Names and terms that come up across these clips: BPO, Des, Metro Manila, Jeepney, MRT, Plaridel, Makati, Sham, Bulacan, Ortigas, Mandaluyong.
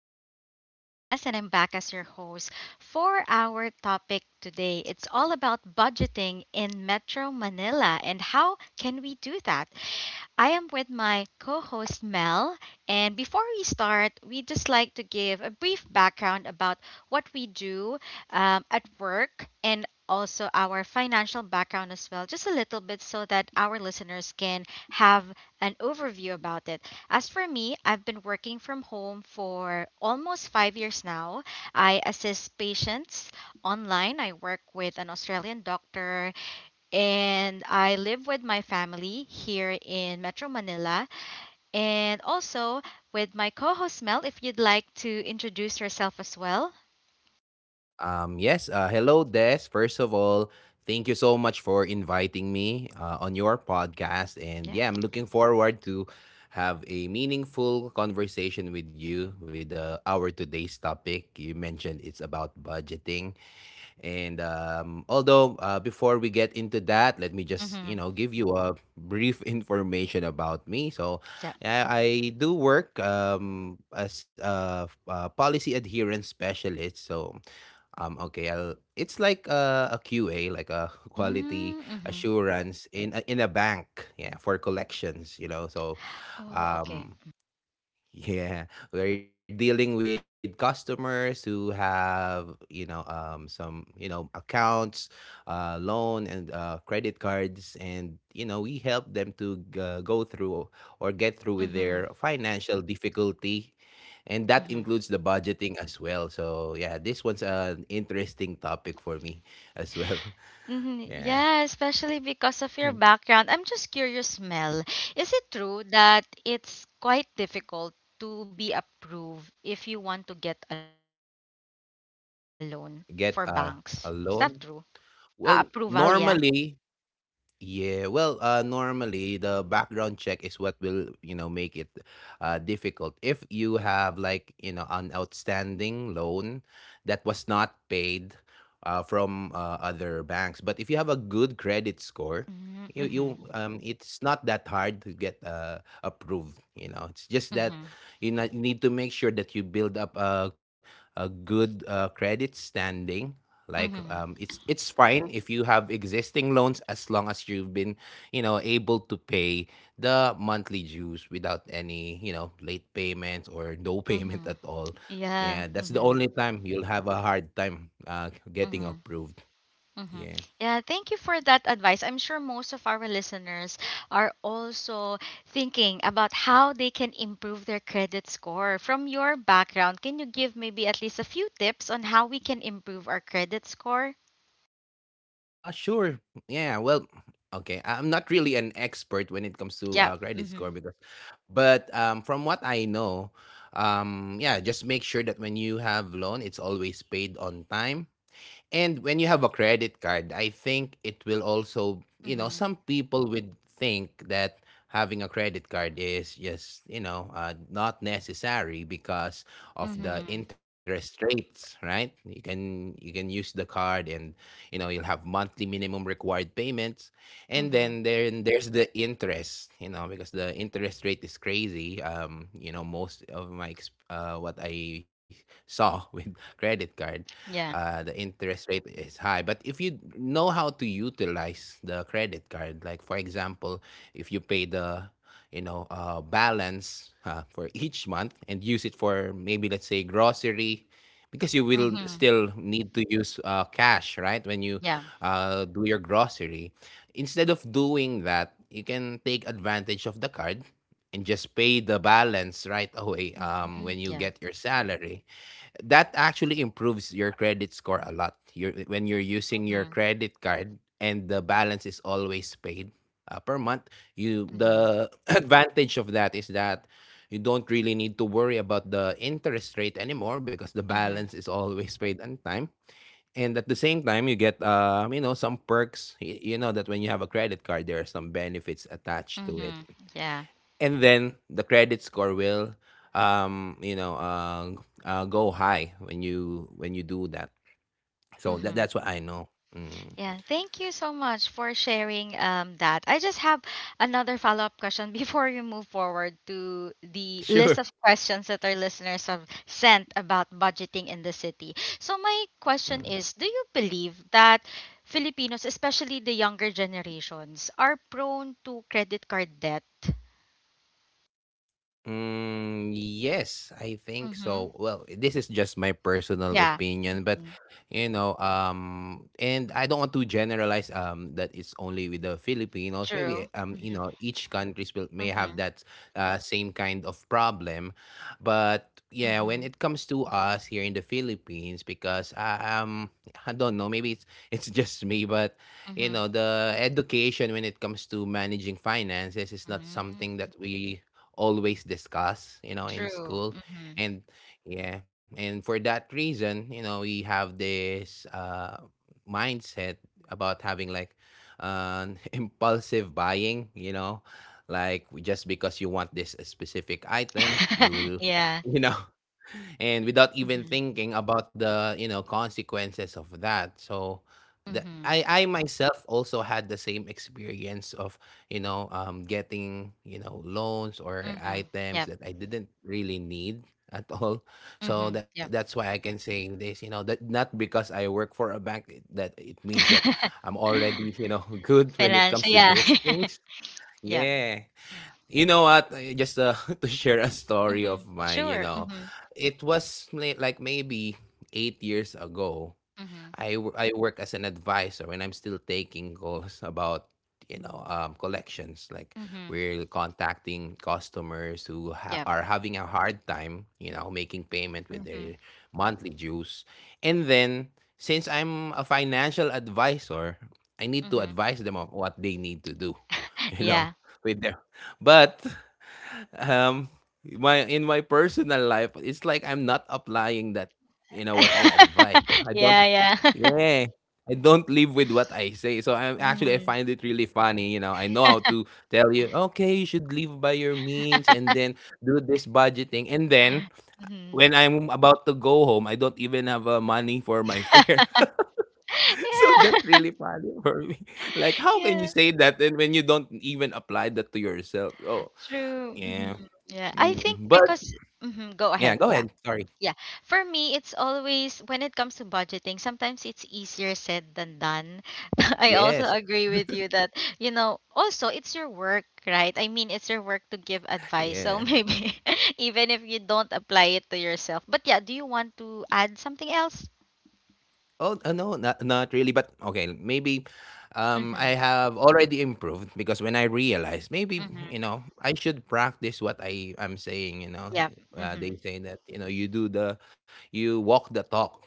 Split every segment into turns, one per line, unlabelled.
listeners. I'm Des and I'm back as your host for our topic today. It's all about budgeting in Metro Manila and how can we do that? I am with my co host Mel, and before we start, we'd just like to give a brief background about what we do at work and also our financial background as well, just a little bit so that our listeners can have an overview about it. As for me, I've been working from home for almost 5 years now. I assist patients online. I work with an Australian doctor and I live with my family here in Metro Manila and also with my co host Mel. If you'd like to introduce yourself as well.
Yes, Hello, Des. First of all, thank you so much for inviting me on your podcast. And
Yeah.
yeah, I'm looking forward to have a meaningful conversation with you with our today's topic. You mentioned it's about budgeting. And although before we get into that, let me just
Mm-hmm.
give you a brief information about me. So,
Yeah.
I do work as a policy adherence specialist. So, it's like a, QA, like a quality
Mm-hmm.
assurance in a bank, yeah, for collections, you know. So,
Oh, okay.
um, yeah, we're dealing with customers who have, you know, some, you know, accounts, loan and credit cards, and you know, we help them to go through or get through with
Mm-hmm.
their financial difficulty, and that
Mm-hmm.
includes the budgeting as well. So yeah, this one's an interesting topic for me as well.
Mm-hmm.
Yeah,
Yeah, especially because of your
mm.
background. I'm just curious, Mel. Is it true that it's quite difficult to be approved if you want to get a loan for banks? Is that true?
Get a loan.
Approval, yeah.
Well, normally. Normally the background check is what will, you know, make it difficult. If you have like, you know, an outstanding loan that was not paid from other banks, but if you have a good credit score,
Mm-hmm.
you
Mm-hmm.
it's not that hard to get approved, you know. It's just that
Mm-hmm.
you know, you need to make sure that you build up a good credit standing like
Mm-hmm.
it's fine if you have existing loans as long as you've been you know able to pay the monthly dues without any you know late payments or no payment
Mm-hmm.
at all.
Yeah.
Yeah, that's the
Mm-hmm.
only time you'll have a hard time getting
Mm-hmm.
approved.
Mm-hmm.
Yeah.
Yeah, thank you for that advice. I'm sure most of our listeners are also thinking about how they can improve their credit score. From your background, can you give maybe at least a few tips on how we can improve our credit score?
Sure. Yeah, well, okay, I'm not really an expert when it comes to
Yeah.
credit
Mm-hmm.
score because, but from what I know, yeah, just make sure that when you have loan it's always paid on time. And when you have a credit card, I think it will also, you know,
Mm-hmm.
some people would think that having a credit card is just, you know, not necessary because of the
Mm-hmm.
interest rates, right? You can use the card and you know you'll have monthly minimum required payments, and
Mm-hmm.
then there's the interest, you know, because the interest rate is crazy. You know, most of my what I saw with credit card,
Yeah.
the interest rate is high, but if you know how to utilize the credit card, like for example, if you pay the you know balance for each month and use it for maybe let's say grocery, because you will
Mm-hmm.
still need to use cash, right, when you
Yeah.
do your grocery, instead of doing that you can take advantage of the card and just pay the balance right away
Mm-hmm.
when you
Yeah.
get your salary. That actually improves your credit score a lot. When you're using your
Mm-hmm.
credit card and the balance is always paid per month, you
Mm-hmm.
the advantage of that is that you don't really need to worry about the interest rate anymore because the balance
Mm-hmm.
is always paid on time. And at the same time, you get you know some perks. You know that when you have a credit card, there are some benefits attached to it,
Mm-hmm. Yeah.
and then the credit score will you know go high when you do that. So that
Mm-hmm.
that's what I know. Mm.
Yeah, thank you so much for sharing that. I just have another follow up question before we move forward to the list
Sure.
of questions that our listeners have sent about budgeting in the city. So, my
Mm.
question is: do you believe that Filipinos, especially the younger generations, are prone to credit card debt?
Mm, yes, I think
Mm-hmm.
so. Well, this is just my personal
Yeah.
opinion, but
Mm-hmm.
you know, and I don't want to generalize that it's only with the Filipinos. Maybe
True.
you
Mm-hmm.
know, each countries will may have
Mm-hmm.
that same kind of problem, but yeah,
Mm-hmm.
when it comes to us here in the Philippines, because I don't know, maybe it's it's just me, but you know, the education when it comes to managing finances is not
Mm-hmm.
something that we always discuss, you know, in
True.
school.
Mm-hmm.
And yeah, and for that reason, you know, we have this mindset about having like an impulsive buying, you know, like just because you want this specific item, you will,
yeah.
you know, and without even thinking about the you know consequences of that. So
Mm-hmm.
I myself also had the same experience of you know getting you know loans or
Mm-hmm.
items
Yep.
that I didn't really need at all. So
Mm-hmm. Yep.
that's why I can say this, you know, that not because I work for a bank that it means that I'm already you know good when it comes
Financial.
to
Yeah.
these things.
Yeah.
Yeah, you know what? Just to share a story
Mm-hmm.
of mine, you
Sure.
know,
Mm-hmm.
it was like maybe 8 years ago.
Mm-hmm.
I work as an advisor and I'm still taking calls about, you know, collections. Like
Mm-hmm.
we're contacting customers who
Yep.
are having a hard time, you know, making payment with
Mm-hmm.
their monthly dues. And then, since I'm a financial advisor, I need to
Mm-hmm.
advise them of what they need to do, you
Yeah.
know, with their. But um my in my personal life it's like I'm not applying that, you know what I advise, so I don't.
yeah. Yeah.
Yeah, I don't live with what I say, so I'm actually, I
mm-hmm.
find it really funny, you know. I know how to tell you, okay, you should live by your means, and then do this budgeting, and then
Mm-hmm.
when I'm about to go home I don't even have money for my fare. So that's
Yeah.
really funny for me. Like, how can you
yeah.
say that and when you don't even apply that to yourself? Oh,
True.
yeah.
Mm-hmm. Yeah, I think
Mm, but
because. Mm-hmm. Go
yeah,
ahead.
go
Yeah.
ahead. Sorry.
Yeah. For me, it's always when it comes to budgeting, sometimes it's easier said than done. I also
Yes.
agree with you that, you know, also it's your work, right? I mean, it's your work to give advice. So
Yeah.
maybe even if you don't apply it to yourself. But yeah, do you want to add something else?
Oh, no, not really, but okay, maybe
Mm-hmm.
I have already improved, because when I realized maybe,
Mm-hmm.
you know, I should practice what I am saying, you know.
Yep. Mm-hmm.
They say that, you know, you do the you walk the talk,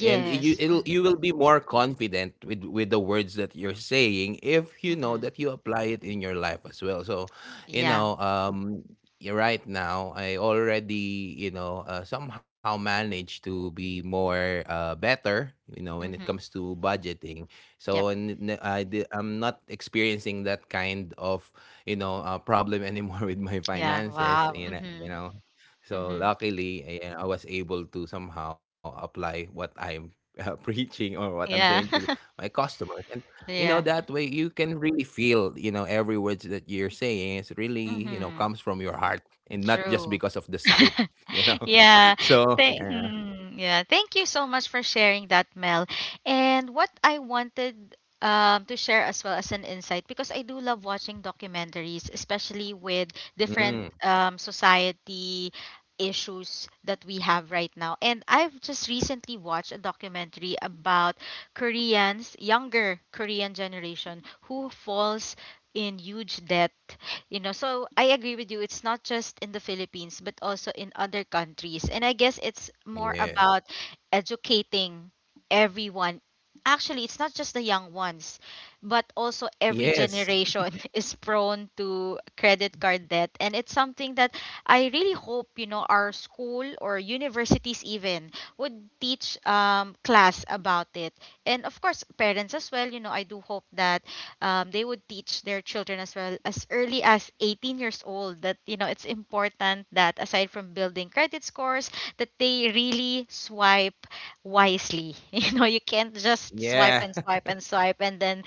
and you it'll you
Mm-hmm.
will be more confident with the words that you're saying if you know
Mm-hmm.
that you apply it in your life as well. So you
Yeah.
know right now I already you know somehow managed to be more better, you know, when it
Mm-hmm.
comes to budgeting.
Yep.
So and n- I di- I'm not experiencing that kind of you know problem anymore with my
Yeah.
finances,
Wow.
you know,
Mm-hmm.
you know. So
Mm-hmm.
luckily, I was able to somehow apply what I preaching or what I'm saying to
Yeah.
my customers. And you know
yeah.
that way you can really feel you know every words that you're saying is really you know
Mm-hmm.
comes from your heart and not just
True.
because of the script. You know,
Yeah.
so
Thank
yeah,
Mhm. Yeah, thank you so much for sharing that, Mel. And what I wanted to share as well, as an insight, because I do love watching documentaries, especially with different
mm,
society issues that we have right now. And I've just recently watched a documentary about Koreans, younger Korean generation, who falls in huge debt. You know, so I agree with you, it's not just in the Philippines but also in other countries, and I guess it's more
yeah,
about educating everyone. Actually, it's not just the young ones, but also every
yes,
generation is prone to credit card debt, and it's something that I really hope, you know, our school or universities even would teach class about it. And of course parents as well. You know, I do hope that they would teach their children as well as early as 18 years old, that, you know, it's important that aside from building credit scores, that they really swipe wisely. You know, you can't just swipe
yeah.
and swipe and swipe and then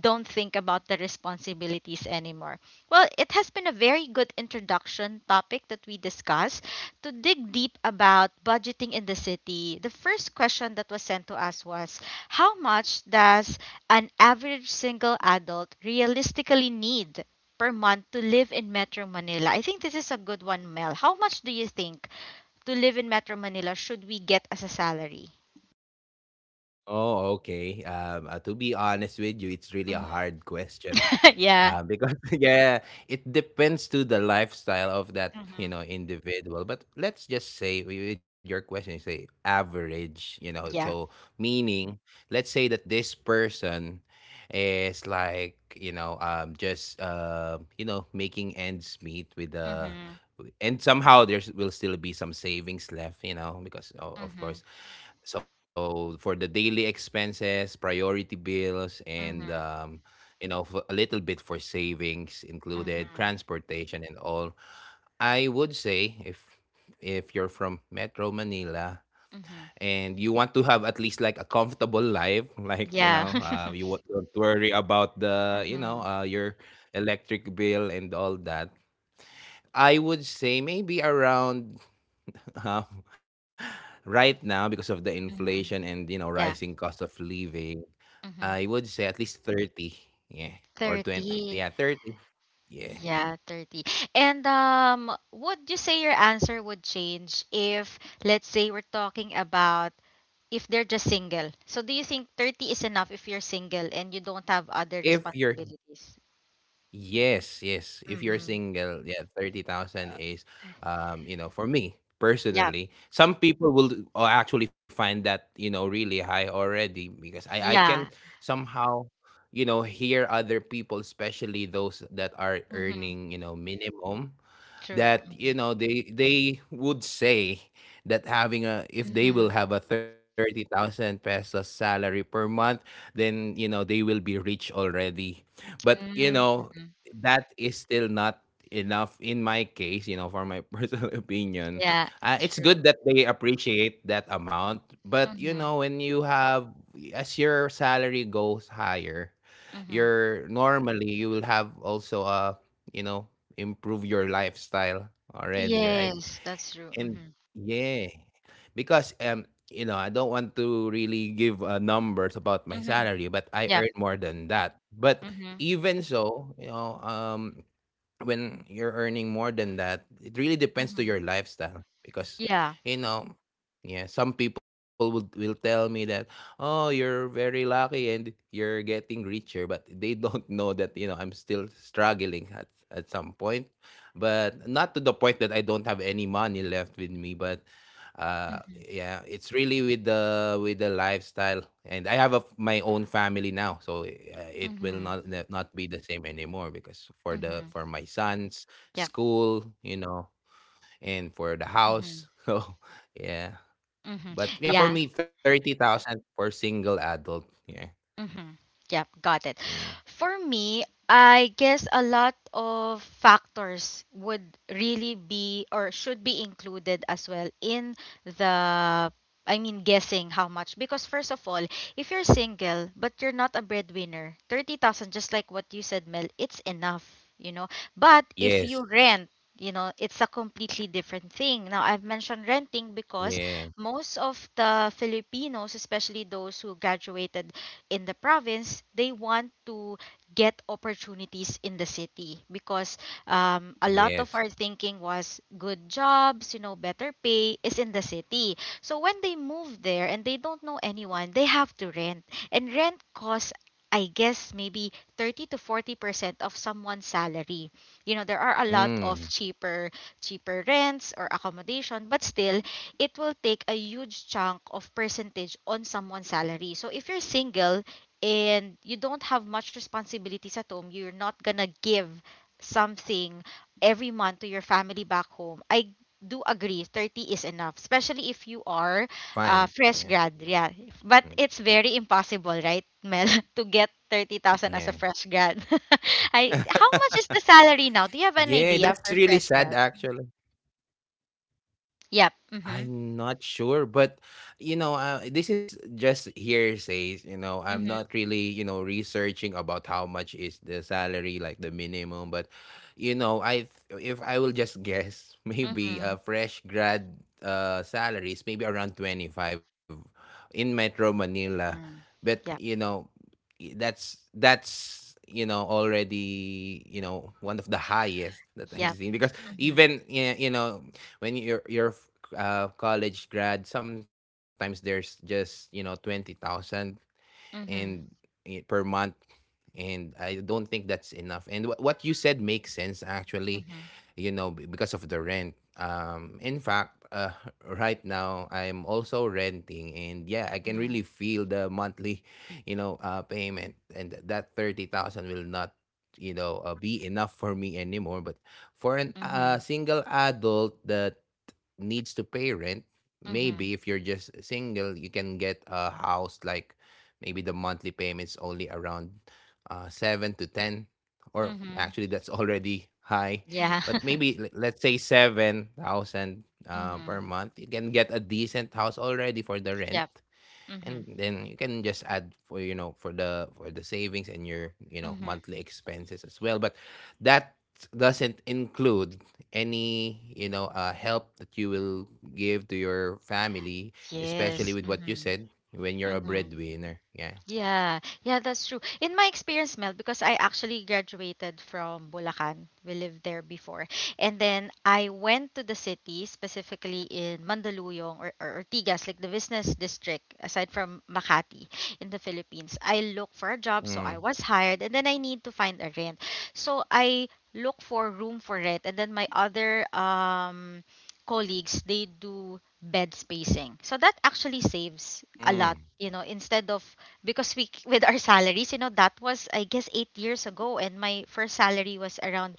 don't think about the responsibilities anymore. Well, it has been a very good introduction topic that we discussed. To dig deep about budgeting in the city, the first question that was sent to us was: how much does an average single adult realistically need per month to live in Metro Manila? I think this is a good one, Mel. How much do you think to live in Metro Manila should we get as a salary?
Oh, okay. To be honest with you, it's really a
Hmm.
hard question.
yeah.
Because yeah, it depends to the lifestyle of that,
Hmm.
you know, individual. But let's just say with your question, you say average, you know, so
Yeah.
meaning let's say that this person it's like you know, just you know, making ends meet with the,
Hmm.
and somehow there will still be some savings left, you know, because of
Hmm.
course, so for the daily expenses, priority bills, and
Hmm.
you know, a little bit for savings included,
Hmm.
transportation and all. I would say if you're from Metro Manila,
Hmm.
and you want to have at least like a comfortable life like you
Yeah.
know you don't worry about the you know
Hmm.
your electric bill and all that, I would say maybe around um, right now because of the inflation
Hmm.
and you know rising
Yeah.
cost of living, I
Hmm.
would say at least 30, yeah, or 20, yeah,
30.
30, yeah.
Yeah, 30. And would you say your answer would change if, let's say, we're talking about if they're just single. So do you think 30 is enough if you're single and you don't have other
if you're
responsibilities?
Yes, yes. If you're
Mm-hmm.
single, yeah, 30,000
Yeah.
is you know, for me
Yep.
personally, some people will actually find that, you know, really high already, because I can
Yeah.
somehow, you know, hear other people, especially those that are
Mm-hmm.
earning, you know, minimum,
True.
that
Mm-hmm.
you know they would say that having a if they
Mm-hmm.
will have a 30,000 pesos salary per month, then you know they will be rich already. But you know
Mm-hmm.
that is still not enough in my case, you know, for my personal opinion.
Yeah.
It's good
True.
that they appreciate that amount, but you
Mm-hmm.
know when you have as your salary goes higher
Mm-hmm.
you're normally you will have also a you know improve your lifestyle already, right?
Yes, that's true.
And
Mm-hmm.
yeah, because you know, I don't want to really give numbers about my
Mm-hmm.
salary, but I earn
Yeah.
more than that. But
Mm-hmm.
even so, when you're earning more than that, it really depends to
Mm-hmm.
your lifestyle because
Yeah.
you know, yeah, some people would will tell me that, "Oh, you're very lucky and you're getting richer," but they don't know that, you know, I'm still struggling at some point. But not to the point that I don't have any money left with me, but uh
Mm-hmm.
yeah, it's really with the lifestyle. And I have a, my own family now, so it will
Mm-hmm.
not be the same anymore, because for the
Mm-hmm.
for my son's
Yeah.
school, you know, and for the
Mm-hmm.
house. So yeah.
Mm-hmm.
But yeah, for
Yeah.
me, 30,000 for single adult, yeah.
Mm-hmm. Yep, got it.
Mm.
For me, I guess a lot of factors would really be or should be included as well in the, I mean, guessing how much, because first of all, if you're single but you're not a breadwinner, 30,000, just like what you said Mel, it's enough, you know. But if
Yes.
you rent, you know, it's a completely different thing. Now, I've mentioned renting because
Yeah.
most of the Filipinos, especially those who graduated in the province, they want to get opportunities in the city because a lot of
Yes.
our thinking was good jobs, you know, better pay is in the city. So when they move there and they don't know anyone, they have to rent. And rent costs, I guess, maybe 30 to 40% of someone's salary. You know, there are a lot of
Mm.
cheaper rents or accommodation, but still it will take a huge chunk of percentage on someone's salary. So if you're single and you don't have much responsibilities at home, you're not gonna give something every month to your family back home. I do agree 30 is enough, especially if
Yeah,
you
you're
are
it'll be fine,
fresh
yeah.
grad. Yeah, but
Mm.
it's very impossible, right, Mel? To get 30,000 as a
Yeah.
fresh grad. I How much is the salary now? Do you have an
Yeah,
idea
that's
for
really
fresh
sad
grad?
actually.
Yep. Mhm.
I'm not sure, but you know, this is just hearsays. You know, I'm
Mhm.
not really, you know, researching about how much is the salary, like the minimum. But, you know, if I will just guess, maybe
Mhm.
a fresh grad salaries maybe around 25 in Metro Manila.
Mm.
But you
Yep.
know, that's you know already, you know, one of the highest that I've
Yep.
seen. Because
Mm-hmm.
you know, when you're college grad, sometimes there's just, you know, 20,000 and
Mm-hmm.
per month, and I don't think that's enough. And what you said makes sense actually,
Mm-hmm.
you know, because of the rent. In fact, right now I'm also renting, and yeah, I can really feel the monthly, payment, and that 30,000 will not, be enough for me anymore. But for an
Mm-hmm.
single adult that needs to pay rent,
Mm-hmm.
maybe if you're just single, you can get a house like, maybe the monthly payments only around 7 to ten. Or
Mm-hmm.
actually that's already high.
Yeah.
But maybe let's say 7,000 per
Mm-hmm.
month, you can get a decent house already for the rent.
Yep. Mm-hmm.
And then you can just add for, you know, for the savings and your, you know,
Mm-hmm.
monthly expenses as well. But that doesn't include any, help that you will give to your family, especially
Yes.
with what you
Mm-hmm.
said when you're a
Mm-hmm.
breadwinner. Yeah.
Yeah, yeah, that's true. In my experience, Mel, because I actually graduated from Bulacan, we lived there before, and then I went to the city, specifically in Mandaluyong or Ortigas, like the business district, aside from Makati in the Philippines. I look for a job, so I
Mm.
was hired, and then I need to find a rent. So I look for room for rent, and then my other colleagues, they do bed spacing. So that actually saves a lot,
Mm.
you know, instead of, because we with our salaries, you know, that was, I guess, 8 years ago, and my first salary was around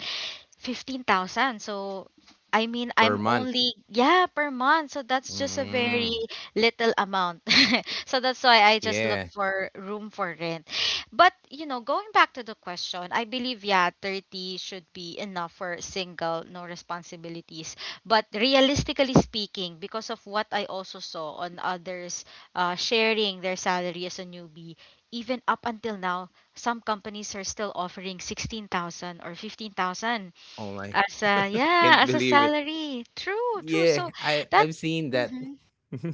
15,000. So, I mean, I'm
Per month.
only, yeah, per month. So that's just a very
Mm.
little amount. So that's why I just look
Yeah.
for room for rent. But, you know, going back to the question, I believe, yeah, 30 should be enough for single, no responsibilities. But realistically speaking, because of what I also saw on others sharing their salary as a newbie, even up until now, some companies are still offering 16,000 or 15,000
Oh my!
as a, yeah,
Can't
as a
believe it.
salary. True, true.
Yeah,
So that,
I've seen that.
hmm,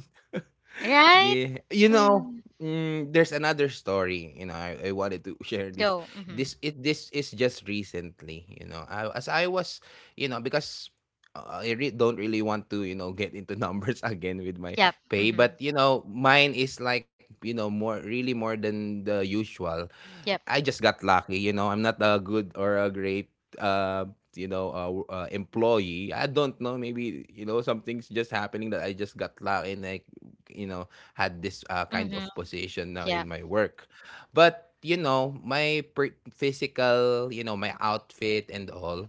right?
Yeah. You know,
Mm,
mm, there's another story, you know, I wanted to share this.
though. Mm-hmm.
This it this is just recently, you know. I, as I was, you know, because don't really want to, you know, get into numbers again with my
Yep.
pay.
Mm-hmm.
But you know, mine is like, you know, more, really more than the usual.
Yep.
I just got lucky, you know. I'm not a good or a great, uh, you know, employee. I don't know. Maybe, you know, something's just happening that I just got lucky, and I, you know, had this kind
Mm-hmm.
of position now in
Yep.
my work. But you know, my physical, you know, my outfit and all.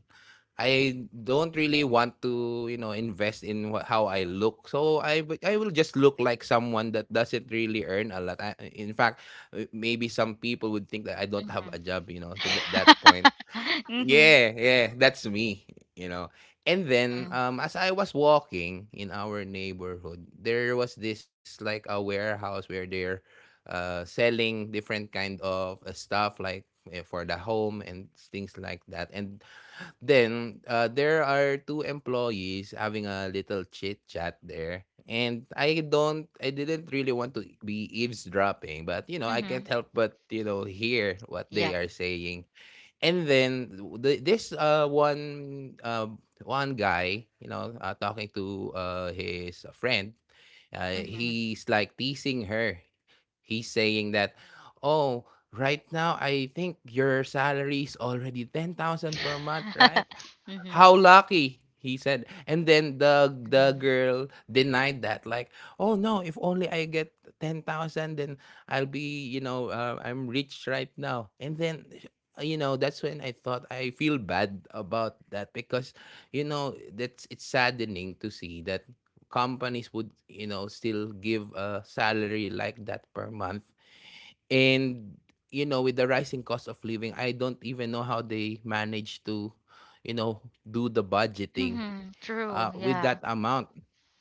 I don't really want to, you know, invest in how I look. So I will just look like someone that doesn't really earn a lot. I, in fact, maybe some people would think that I don't have a job, you know, to that
Mm-hmm.
point.
mm-hmm.
Yeah, yeah, that's me, you know. And then,
Mm-hmm.
um, as I was walking in our neighborhood, there was this like a warehouse where they're selling different kind of stuff like for the home and things like that. And then, there are two employees having a little chit chat there. And I didn't really want to be eavesdropping, but you know, I can't
Mm-hmm.
help but, you know, hear what they
Yep.
are saying. And then the, this one guy, you know, talking to his friend,
Mm-hmm.
he's like teasing her. He's saying that, oh, right now I think your salary is already 10,000 per month, right?
mm-hmm.
How lucky, he said. And then the
Mm-hmm.
girl denied that, like, oh no, if only I get 10,000, then I'll be, you know, I'm rich right now. And then, you know, that's when I thought, I feel bad about that, because you know, that's it's saddening to see that companies would, you know, still give a salary like that per month. And, you know, with the rising cost of living, I don't even know how they manage to, you know, do the budgeting
Mm-hmm. True.
with
Yeah.
that amount.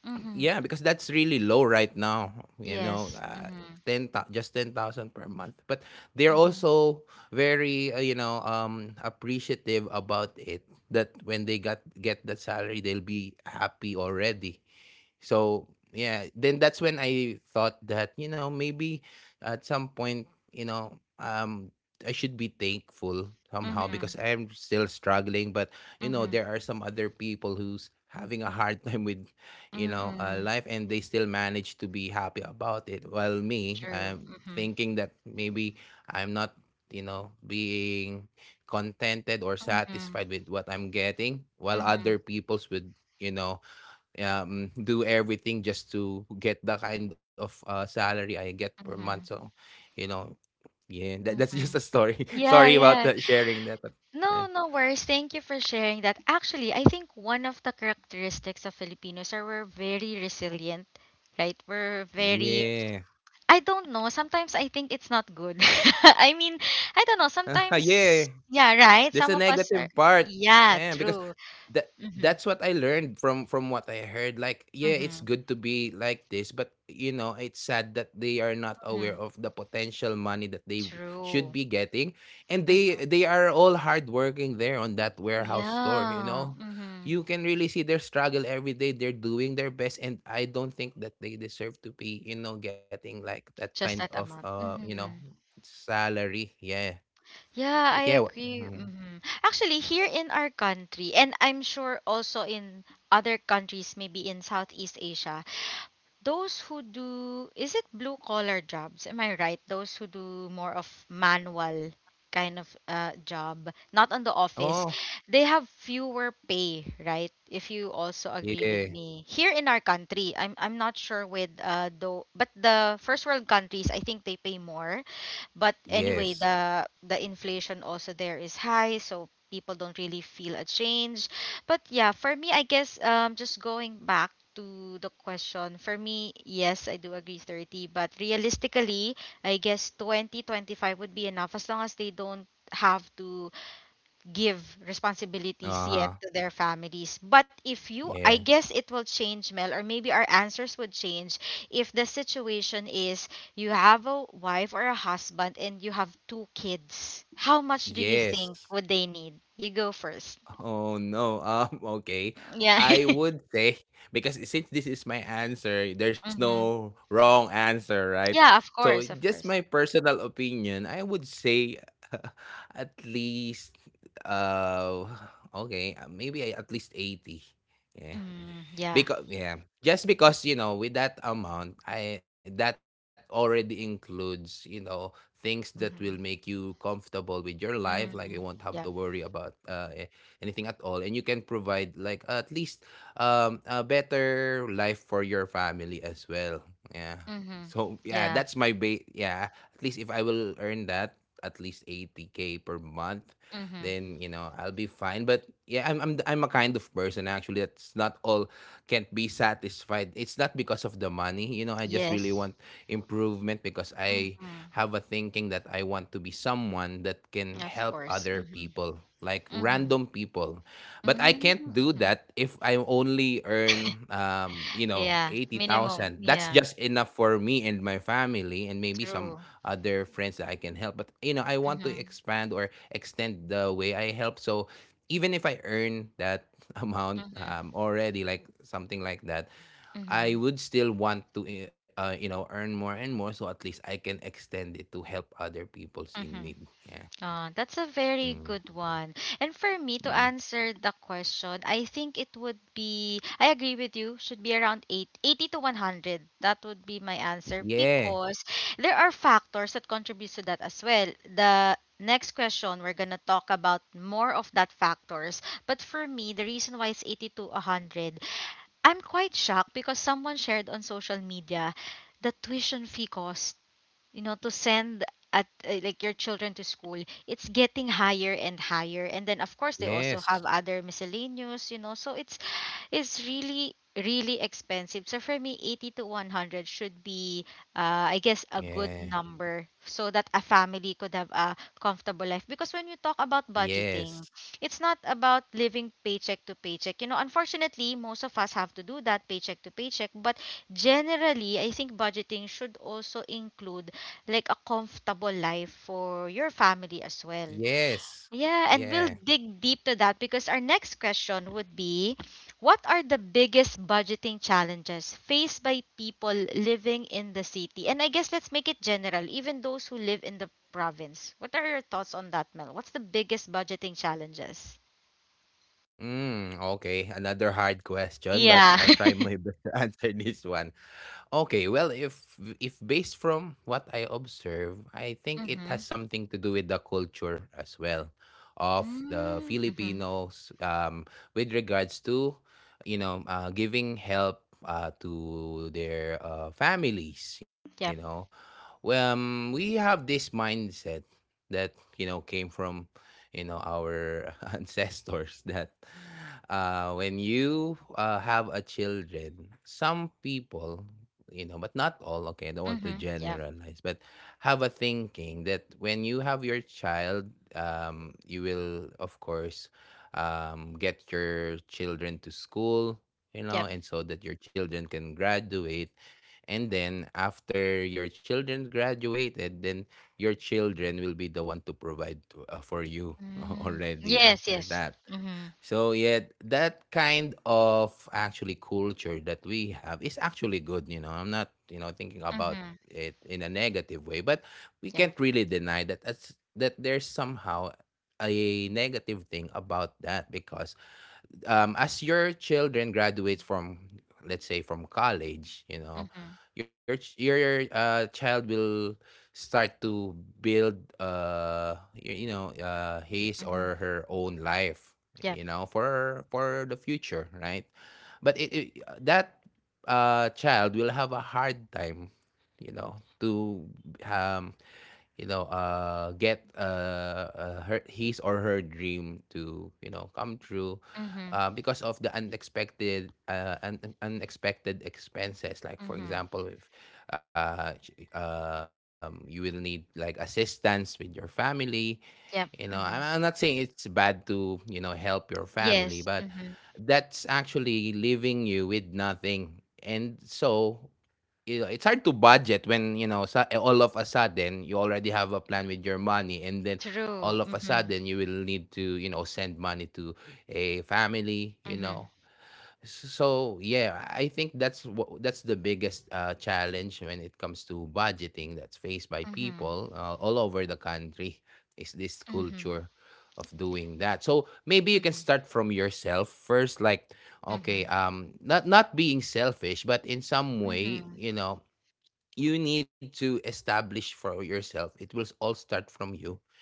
Mm-hmm.
Yeah, because that's really low right now, you know,
Yes. Mm-hmm.
10, just 10,000 per month. But they're
Mm-hmm.
also very, appreciative about it, that when they got get that salary, they'll be happy already. So yeah, then that's when I thought that, you know, maybe at some point, you know, um, I should be thankful somehow, because
Mm-hmm.
I am still struggling. But you know,
Mm-hmm.
there are some other people who's having a hard time with, you know,
Mm-hmm.
life, and they still manage to be happy about it. While me,
True.
I'm
Mm-hmm.
thinking that maybe I'm not, you know, being contented or
Mm-hmm.
satisfied with what I'm getting, while other
Mm-hmm.
people's would, you know, do everything just to get the kind of salary I get per month. So,
Mm-hmm.
you know, yeah, that's just a
Mm-hmm.
story. Sorry
Yeah,
about
yeah.
that, sharing that. But yeah.
No, no worries. Thank you for sharing that. Actually, I think one of the characteristics of Filipinos are we're very resilient, right? We're very,
Yeah.
I don't know. Sometimes I think it's not good. I mean, I don't know. Sometimes,
Yeah.
yeah, right?
There's
Some
a
of us are,
negative part.
yeah,
Yeah, because
true. Mm-hmm.
that's what I learned from what I heard. Like, yeah, it's
Mm-hmm.
good to be like this, but you know, it's sad that they are not aware
Mm-hmm.
of the potential money that they should
True.
be getting, and
Mm-hmm.
they are all hard working there on that warehouse store. You
Yeah.
know,
Mm-hmm.
you can really see their struggle every day. They're doing their best, and I don't think that they deserve to be, you know, getting like that kind
Just
of
that amount.
you know,
Mm-hmm.
salary. Yeah, but
Yeah,
yeah.
I agree. Mhm. Actually, here in our country, and I'm sure also in other countries, maybe in Southeast Asia, those who do, is it blue collar jobs? Am I right? Those who do more of manual kind of job, not on the
Mhm.
office, they have fewer pay, right? If you also agree with
Yeah.
me. Here in our country, I'm not sure with though, but the first world countries, I think they pay more. But anyway,
Yes.
the inflation also there is high, so people don't really feel a change. But yeah, for me, I guess just going back to the question, for me, yes, I do agree 30, but realistically, I guess 20, 25 would be enough as long as they don't have to give responsibilities yet
Uh-huh.
to their families. But if you, I
Yeah.
guess it will change, Mel, or maybe our answers would change if the situation is you have a wife or a husband and you have two kids. How much do you think
Yes.
would they need? You go first.
Oh no. Okay.
Yeah.
I would say, because since this is my answer, there's
hmm.
no wrong answer, right?
Yeah,
So
of course, of
just my
course.
personal opinion, I would say at least uh okay, at least 80. Yeah,
Mm, yeah.
because yeah, just because, you know, with that amount, I that already includes, you know, things that will make
Mm-hmm.
you comfortable with your life, like you won't
Mm,
have to
yeah.
worry about anything at all, and you can provide like at least, um, a better life for your family as well. Yeah.
Mm-hmm.
So yeah,
Yeah.
that's my yeah, at least if I will earn that at least 80k per month,
Mm-hmm.
then you know, I'll be fine. But yeah, I'm a kind of person actually that's not all can't be satisfied. It's not because of the money. You know, I just really
Yes.
want improvement, because I
Mm-hmm.
have a thinking that I want to be someone that can
Of
help
course.
other
Mm-hmm.
people, like
Mm-hmm.
random people. But I can't do
Mm-hmm.
that if I only earn, you know,
Yeah, minimum.
80,000. That's
Yeah,
just enough for me and my family and maybe some
true.
other friends that I can help. But, you know, I want to
Mm-hmm.
expand or extend the way I help. So even if I earn that amount,
Mm-hmm.
already like something like that, I
Mm-hmm.
would still want to, you know, earn more and more, so at least I can extend it to help other people's in need.
Mm-hmm.
Yeah.
Oh, that's a very
Mm.
good one. And for me to
Mm.
answer the question, I think it would be, I agree with you, should be around 8, 80 to 100. That would be my answer
Yeah.
because there are factors that contribute to that as well. The next question, we're going to talk about more of that factors. But for me, the reason why it's 80 to 100, I'm quite shocked because someone shared on social media the tuition fee cost, you know, to send at like your children to school. It's getting higher and higher, and then of course they also
Yes.
have other miscellaneous, you know, so it's really really expensive. So for me, 80 to 100 should be, I guess, a
Yeah.
good number so that a family could have a comfortable life. Because when you talk about
Yes.
budgeting, it's not about living paycheck to paycheck. You know, unfortunately most of us have to do that, paycheck to paycheck, but generally I think budgeting should also include like a comfortable life for your family as well.
Yes.
Yeah, and
Yeah.
we'll dig deep to that because our next question would be, what are the biggest budgeting challenges faced by people living in the city? And I guess let's make it general, even those who live in the province. What are your thoughts on that, Mel? What's the biggest budgeting challenges?
Mm, okay, another hard question, but
Yeah.
I'll try my best to answer this one. Okay, well, if based from what I observe, I think it has
Mhm.
something to do with the culture as well of the
Mm, mhm.
Filipinos, with regards to, you know, giving help to their families, you
Yep.
know, well, we have this mindset that you know came from, you know, our ancestors. That when you have a children, some people, you know, but not all. Okay, I don't want to
Mhm. Yep.
generalize, but have a thinking that when you have your child, you will of course get your children to school, you
Yep.
know, and so that your children can graduate. And then after your children graduated, then your children will be the one to provide to, for you
Mm.
already
Yes,
after
yes.
that.
Mhm.
So yet that kind of actually culture that we have is actually good, you know. I'm not, you know, thinking about
Mhm.
it in a negative way, but we
Yeah.
can't really deny that that there's somehow a negative thing about that, because as your children graduates from, let's say, from college, you know,
Mhm.
your child will start to build, his
Mm-hmm.
or her own life,
Yep.
you know, for the future, right? But it that child will have a hard time, you know, to um, get her his or her dream to, you know, come true,
Mm-hmm.
because of the unexpected unexpected expenses. Like, for
Mm-hmm.
example, if you will need like assistance with your family, you know.
Yep.
I'm not
Mm-hmm.
saying it's bad to, you know, help your family,
Yes.
but
Mm-hmm.
that's actually leaving you with nothing. And so, you know, it's hard to budget when, you know, all of a sudden you already have a plan with your money, and then all
True.
of a
Mm-hmm.
sudden you will need to, you know, send money to a family, you know.
Mm-hmm.
So yeah, I think that's the biggest challenge when it comes to budgeting that's faced by
Mm-hmm.
people, all over the country, is this
Mm-hmm.
culture of doing that. So maybe you can
Mm-hmm.
start from yourself first, like, okay,
Mm-hmm.
um, not being selfish, but in some way,
Mm-hmm.
you know, you need to establish for yourself. It will all start from you.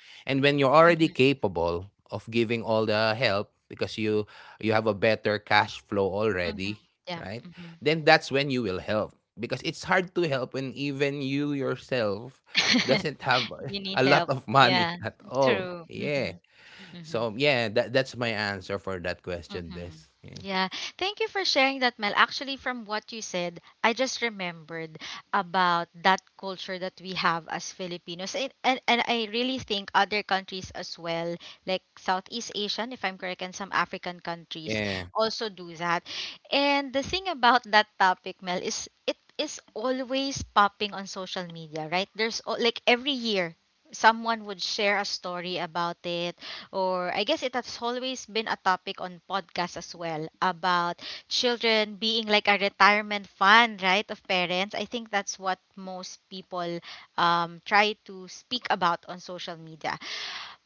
And when you're already
Mm-hmm.
capable of giving all the help, because you have a better cash flow
Mm-hmm.
already,
Yeah.
right?
Mm-hmm.
Then that's when you will help, because it's hard to help when even you yourself doesn't have
You need
a lot
help.
of
Yeah.
money at all.
True.
Yeah.
Mm-hmm. Mm-hmm.
So yeah, that's my answer for that question
Mm-hmm.
this. Yeah.
Yeah. Thank you for sharing that, Mel. Actually, from what you said, I just remembered about that culture that we have as Filipinos. And I really think other countries as well, like Southeast Asian, if I'm correct, and some African countries
Yeah.
also do that. And the thing about that topic, Mel, is it is always popping on social media, right? There's like every year someone would share a story about it, or I guess it has always been a topic on podcasts as well, about children being like a retirement fund, right, of parents. I think that's what most people try to speak about on social media.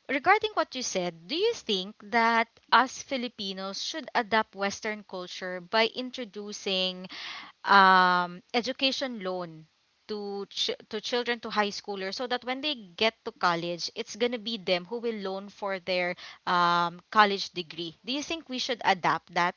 Regarding what you said, do you think that us Filipinos should adapt Western culture by introducing education loan to children, to high schoolers, so that when they get to college it's going to be them who will loan for their college degree? Do you think we should adapt that?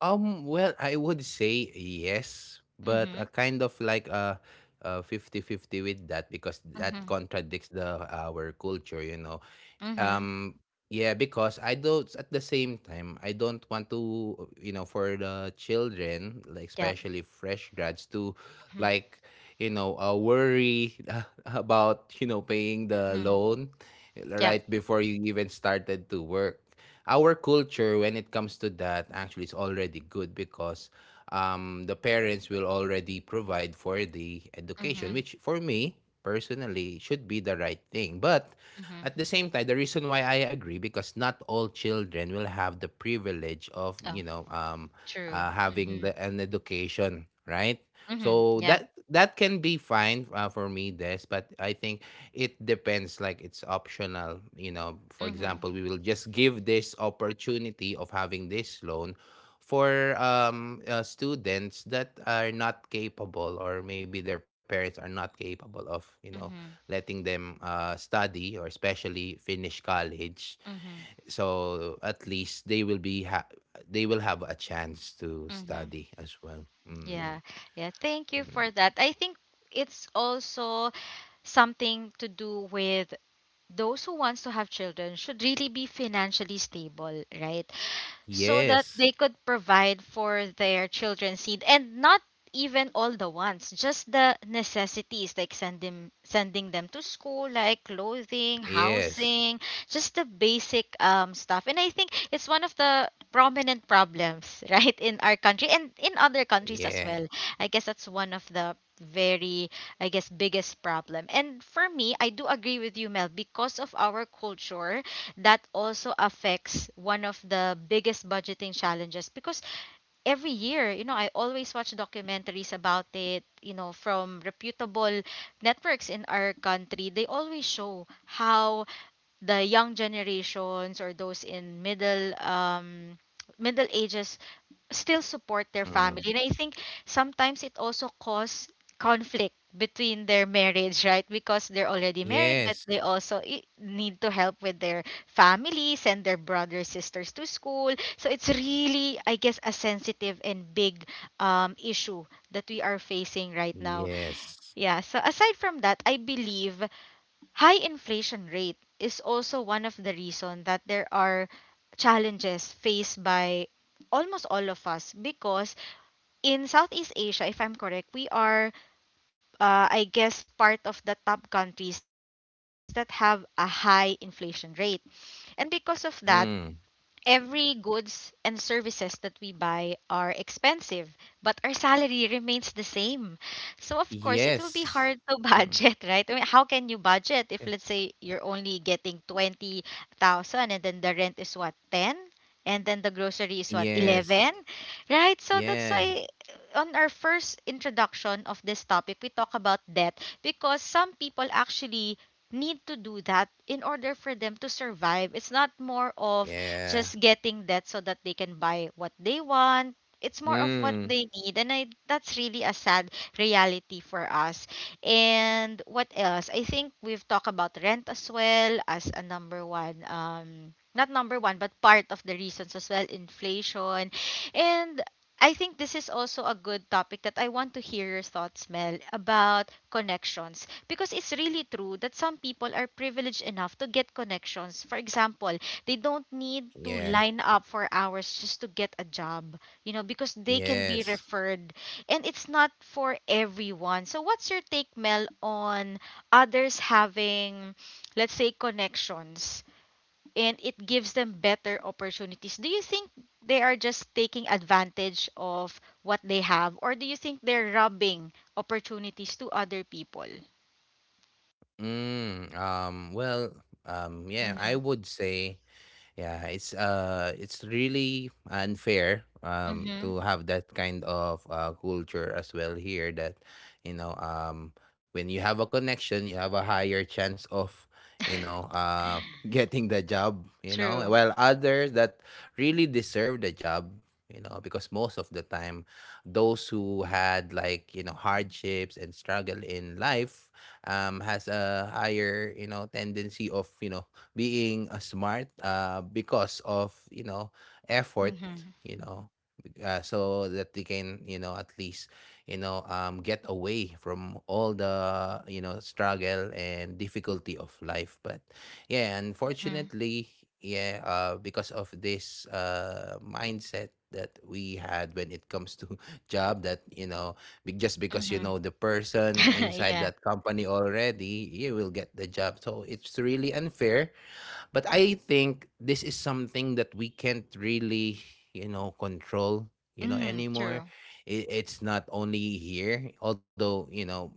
Well, I would say yes, but
Mm-hmm.
a kind of like a fifty-fifty with that, because that
Mm-hmm.
contradicts the our culture, you know.
Mm-hmm.
Um, yeah, because I don't at the same time, I don't want to, you know, for the children, like
Yep.
especially fresh grads, to,
Mm-hmm.
like, you know, worry about, you know, paying the
Mm-hmm.
loan, eh,
Yep.
right before you even started to work. Our culture when it comes to that actually is already good because the parents will already provide for the education,
Mm-hmm.
which for me personally should be the right thing. But
Mm-hmm.
at the same time, the reason why I agree, because not all children will have the privilege of, you
Oh.
know,
True.
having
Mm-hmm.
an education, right?
Mm-hmm.
So
Yeah.
that can be fine, for me, Des. But I think it depends. Like, it's optional. You know, for
Mm-hmm.
example, we will just give this opportunity of having this loan for students that are not capable, or maybe their parents are not capable of, you know,
Mm-hmm.
letting them study, or especially finish college,
Mm-hmm.
so at least they will be they will have a chance to
Mm-hmm.
study as well. Mm.
Yeah. Yeah, thank you
Mm.
for that. I think it's also something to do with those who wants to have children should really be financially stable, right? So that
Yes,
they could provide for their children's need, and not even all the wants, just the necessities, like send them, sending them to school, like clothing,
yes,
housing, just the basic stuff. And I think it's one of the prominent problems, right, in our country and in other countries as
yeah.
well. I guess that's one of the very, I guess, biggest problem. And for me, I do agree with you, Mel, because of our culture, that also affects one of the biggest budgeting challenges. Because every year, you know, I always watch documentaries about it, you know, from reputable networks in our country. They always show how the young generations, or those in middle, middle ages, still support their
Mm.
family. And I think sometimes it also cause conflict between their marriage, right, because they're already married, but they
Yes,
also need to help with their family, send their brothers, sisters to school. So it's really, I guess, a sensitive and big issue that we are facing right now.
yes.
Yeah. So aside from that, I believe high inflation rate is also one of the reason that there are challenges faced by almost all of us. Because in Southeast Asia, if I'm correct, we are, I guess, part of the top countries that have a high inflation rate. And because of that,
Mm.
every goods and services that we buy are expensive, but our salary remains the same. So of course, it will be hard to
Yes.
budget,
Mm.
right? I mean, how can you budget if, let's
Yeah.
say, you're only getting 20,000, and then the rent is what, 10? And then the grocery is what, 11?
Yes,
Right? So that's
yeah.
why on our first introduction of this topic, we talk about debt. Because some people actually need to do that in order for them to survive. It's not more of
Yeah.
just getting that so that they can buy what they want. It's more of what
Mm.
they need. And I, that's really a sad reality for us. And what else? I think we've talked about rent as well as a number one, not number one, but part of the reasons as well, inflation. And I think this is also a good topic that I want to hear your thoughts, Mel, about connections. Because it's really true that some people are privileged enough to get connections. For example, they don't need to
Yeah.
line up for hours just to get a job, you know, because they can be
Yes.
referred. And it's not for everyone. So what's your take, Mel, on others having, let's say, connections, and it gives them better opportunities? Do you think they are just taking advantage of what they have, or do you think they're robbing opportunities to other people?
Mm. Well. Yeah, I
Mm-hmm.
would say. Yeah, it's really unfair, um,
Mm-hmm.
to have that kind of culture as well here, that you know when you have a connection you have a higher chance of, you know, uh, getting the job, you know,
True.
while others that really deserve the job, you know, because most of the time those who had, like, you know, hardships and struggle in life, um, has a higher, you know, tendency of, you know, being smart, because of, you know, effort,
Mm-hmm.
you know, so that they can, you know, at least, you know, get away from all the, you know, struggle and difficulty of life. But yeah,
Mm-hmm.
unfortunately, yeah, because of this mindset that we had when it comes to job, that you know just because you know
Mm-hmm.
the person inside
Yeah.
that company already, you will get the job. So it's really unfair. But I think this is something that we can't really, you know, control, you know,
Mm,
anymore.
true.
It's not only here, although, you know,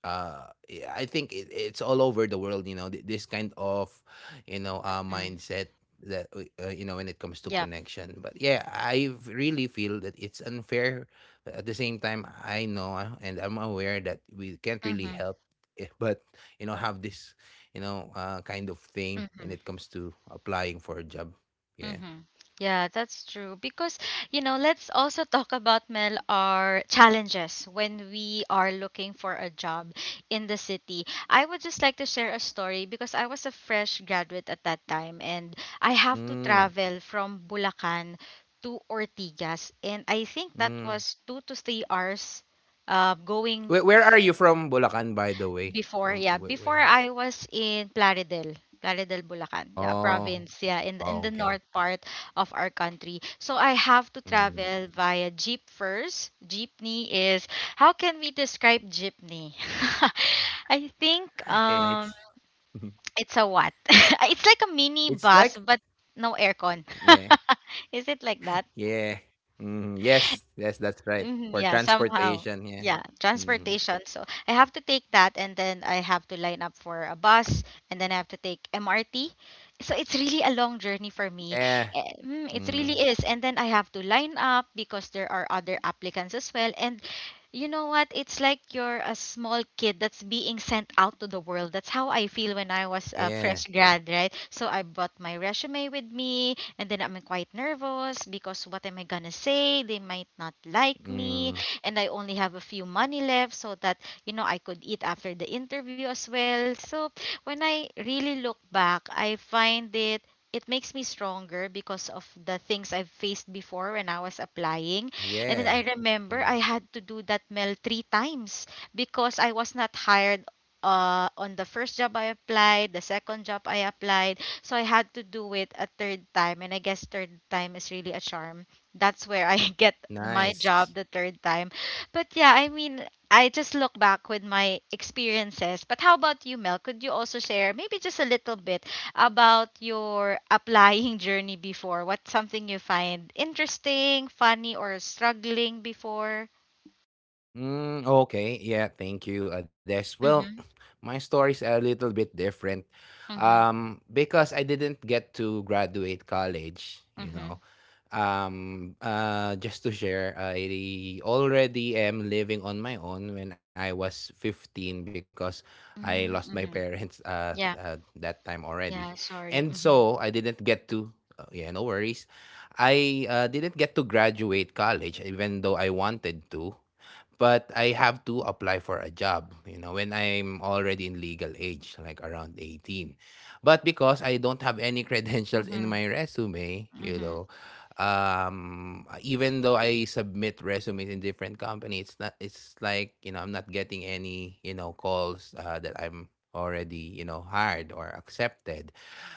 yeah, I think it's all over the world, you know, this kind of, you know,
Mm.
mindset that you know when it comes to
Yep.
connection. But yeah, really feel that it's unfair, but at the same time I know, and I'm aware that we can't really
Mm-hmm.
help it, but you know have this you know kind of thing when it comes to applying for a job. Yeah.
Mm-hmm. Yeah, that's true. Because, you know, let's also talk about, Mel, our challenges when we are looking for a job in the city. I would just like to share a story because I was a fresh graduate at that time, and I have to
Mm,
travel from Bulacan to Ortigas. And I think that was
mm.
2 to 3 hours going
Where are you from, Bulacan, by the way,
before.
from
Yeah,
where,
before
where?
I was in Plaridel, Plaridel, Bulacan, yeah,
Oh.
province, yeah, in
Oh,
the
okay.
north part of our country. So I have to
Mm.
travel via jeep first. Jeepney is, how can we describe jeepney? I think
It's
it's a what? It's like a mini
it's
bus,
like
but no aircon.
yeah,
Is it like that?
yeah. Mhm. Yes, yes, that's right.
Mhm,
For
yeah, somehow.
transportation, yeah.
Yeah,
Mhm.
transportation. So I have to take that, and then I have to line up for a bus, and then I have to take MRT. So it's really a long journey for me.
Yeah.
Eh, mm, it
Mm,
really is. And then I have to line up because there are other applicants as well. And you know what? It's like you're a small kid that's being sent out to the world. That's how I feel when I was a
yeah.
fresh grad, right? So I brought my resume with me, and then I'm quite nervous because what am I gonna say? They might not like me,
Mm,
and I only have a few money left so that, you know, I could eat after the interview as well. So when I really look back, I find it, it makes me stronger because of the things I've faced before when I was applying. And then
yeah.
I remember
Mm,
I had to do that mail three times because I was not hired on the first job I applied, the second job I applied. So I had to do it a third time. And I guess third time is really a charm. That's where I get my
nice.
job the third time. But yeah, I mean, I just look back with my experiences. But how about you, Mel? Could you also share maybe just a little bit about your applying journey before? What's something you find interesting, funny, or struggling before?
Mm, okay. Yeah, thank you, Adesh. Well,
Mm-hmm.
my story's a little bit different.
Mm-hmm.
Because I didn't get to graduate college, you know.
Mm-hmm.
Just to share, I already am living on my own when I was 15, because I lost my parents
Mm-hmm. Yeah.
that time already.
Yeah.
And
Sorry.
so
Mm-hmm.
I didn't get to yeah, no worries. I didn't get to graduate college even though I wanted to, but I have to apply for a job, you know, when I'm already in legal age, like around 18. But because I don't have any credentials in
Mm-hmm.
my resume, you
Mm-hmm.
know, even though I submit resumes in different companies, it's not, it's like, you know, I'm not getting any, you know, calls that I'm already, you know, hired or accepted.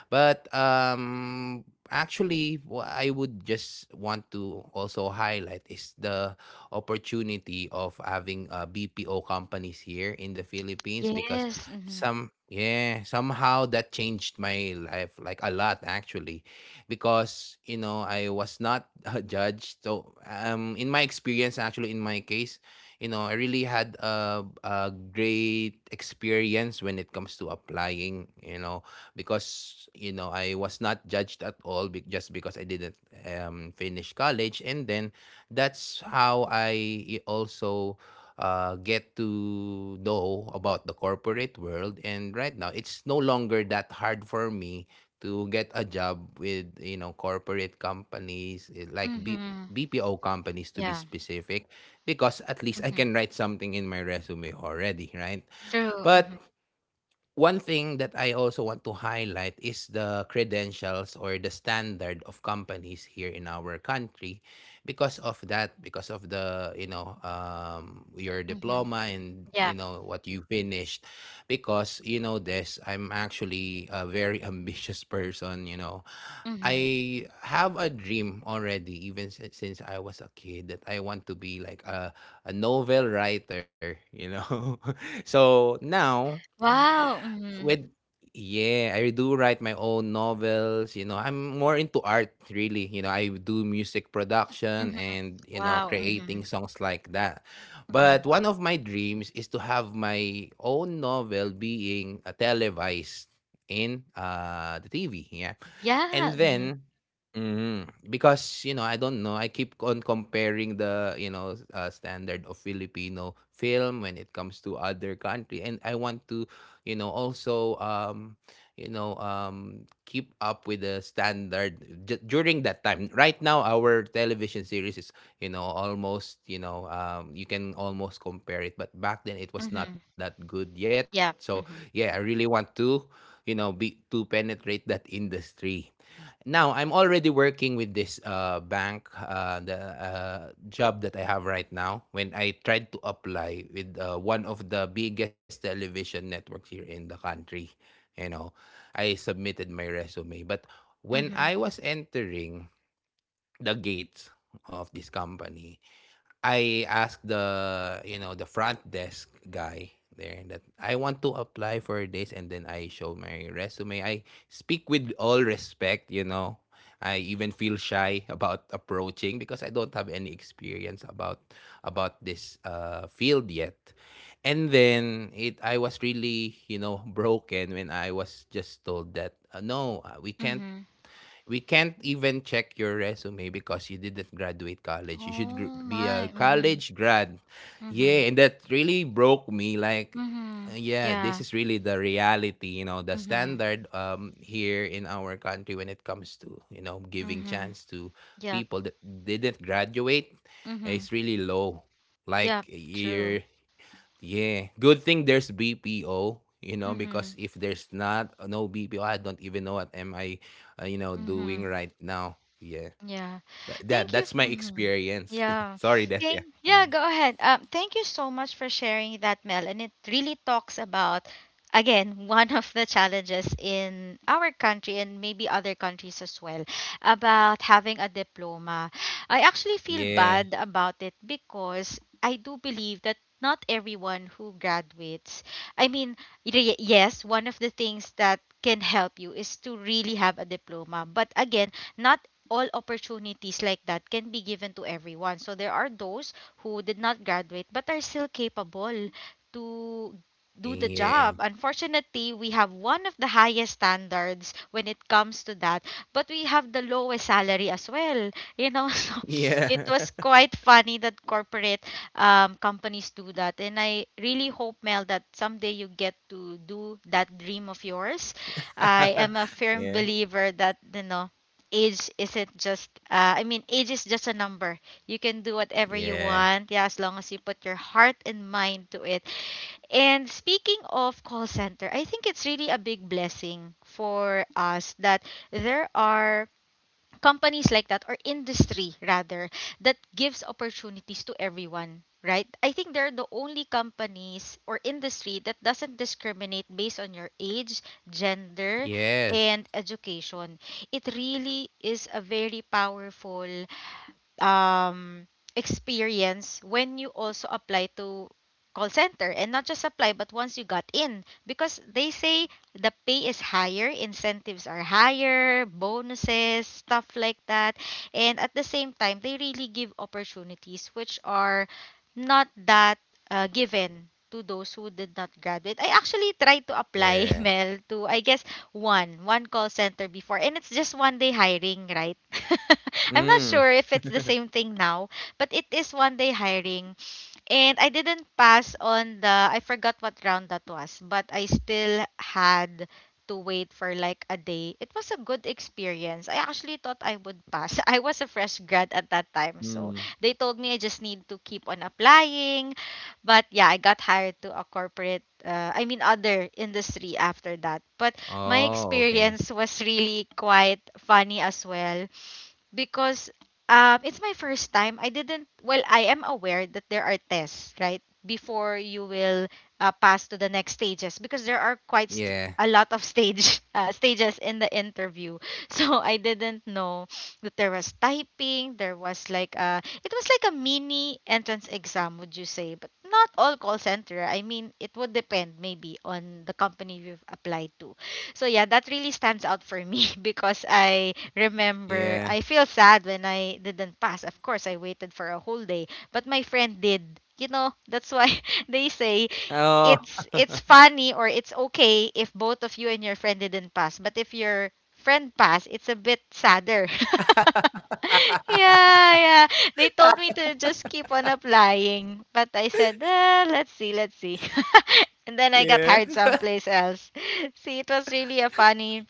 But actually I would just want to also highlight is the opportunity of having BPO companies here in the Philippines, because
Yes. Mm-hmm.
some yeah somehow that changed my life like a lot actually, because you know I was not judged, so in my experience, actually in my case, you know, I really had a great experience when it comes to applying, you know, because you know I was not judged at all just because I didn't finish college. And then that's how I also get to know about the corporate world. And right now, it's no longer that hard for me to get a job with you know corporate companies, eh, like
Mm-hmm.
BPO companies to be
Yeah.
specific, because at least I
Mm-hmm.
can write something in my resume already, right?
True.
But
Mm-hmm.
one thing that I also want to highlight is the credentials or the standard of companies here in our country, because of that, because of the you know your
Mm-hmm.
diploma and
Yeah.
you know what you finished, because you know this I'm actually a very ambitious person, you know.
Mm-hmm.
I have a dream already, even since I was a kid, that I want to be like a novel writer, you know? so now,
Wow. Mm-hmm.
with yeah, I do write my own novels, you know. I'm more into art really, you know. I do music production
Mm-hmm.
and, you know,
Wow. Mm-hmm.
creating songs like that.
Mm-hmm.
But one of my dreams is to have my own novel being televised in the TV, yeah.
Yeah.
And
Mm-hmm.
then mhm, because you know, I don't know, I keep on comparing the, you know, standard of Filipino film when it comes to other country, and I want to you know also you know keep up with the standard. During that time, right now our television series is you know almost you know you can almost compare it, but back then it was not
Mm-hmm.
that good yet. So
Yeah.
yeah, I
Mm-hmm.
really want to you know be to penetrate that industry. Now, I'm already working with this bank, the job that I have right now. When I tried to apply with one of the biggest television networks here in the country, you know, I submitted my resume. But when
Mm-hmm.
I was entering the gates of this company, I asked the you know the front desk guy there that I want to apply for this, and then I show my resume. I speak with all respect, you know. I even feel shy about approaching, because I don't have any experience about this field yet. And then it I was really, you know, broken when I was just told that no,
Mm-hmm.
we can't even check your resume because you didn't graduate college. You should
Oh
be a
my. Mm-hmm.
college grad.
Mm-hmm.
Yeah, and that really broke me. Like,
Mhm.
yeah, this is
Yeah.
really the reality, you know, the
Mhm.
standard here in our country when it comes to, you know, giving
Mhm.
chance to
Yep.
people that didn't graduate
Mhm.
is really low.
Yep.
Like
True.
you're yeah, good thing there's BPO, you know, because
Mhm.
if there's not no BPO, I don't even know what am I, you know, doing
Mhm.
right now. Yeah,
Yeah.
but
Thank you.
that's my
Mhm.
experience.
Yeah.
Sorry, that yeah.
Thank, yeah,
Mm.
go ahead. Thank you so much for sharing that, Mel. And it really talks about, again, one of the challenges in our country and maybe other countries as well about having a diploma. I actually feel
Yeah,
bad about it because I do believe that not everyone who graduates, I mean, yes, one of the things that can help you is to really have a diploma. But again, not all opportunities like that can be given to everyone. So there are those who did not graduate but are still capable to do the
yeah,
job. Unfortunately, we have one of the highest standards when it comes to that, but we have the lowest salary as well. So it
yeah,
was quite funny that corporate companies do that. And I really hope, Mel, that someday you get to do that dream of yours. I am a firm
yeah,
believer that, you know, age isn't just I mean age is just a number. You can do whatever you
yeah,
want, yeah, as long as you put your heart and mind to it. And speaking of call center, I think it's really a big blessing for us that there are companies like that, or industry rather, that gives opportunities to everyone, right? I think they're the only companies or industry that doesn't discriminate based on your age, gender,
yes,
and education. It really is a very powerful um, experience when you also apply to call center. And not just apply, but once you got in, because they say the pay is higher, incentives are higher, bonuses, stuff like that. And at the same time, they really give opportunities which are not that given to those who did not graduate. I actually tried to
yeah.
apply, Mel, to I guess one call center before. And it's just one day hiring, right? I'm not
Mm,
sure if it's the same thing now, but it is one day hiring. And I didn't pass on the I forgot what round that was, but I still had to wait for like a day. It was a good experience. I actually thought I would pass. I was a fresh grad at that time, so
mm.
they told me I just need to keep on applying, but yeah, I got hired to a corporate, I mean, other industry after that. But my
Oh, okay.
experience was really quite funny as well because it's my first time. I didn't well, I am aware that there are tests right before you will pass to the next stages, because there are
Yeah,
a lot of stage stages in the interview. So I didn't know that there was typing, there was like a it was like a mini entrance exam, would you say, but not all call center, I mean, it would depend maybe on the company you've applied to. So yeah, that really stands out for me because I remember
yeah.
I feel sad when I didn't pass. Of course, I waited for a whole day, but my friend did. You know, that's why they say
Oh,
it's funny, or it's okay if both of you and your friend didn't pass. But if you're friend pass, it's a bit sadder. Yeah, yeah. They told me to just keep on applying, but I said, "Ah, let's see, let's see." And then I got
yeah.
hired someplace else. See, it was really a funny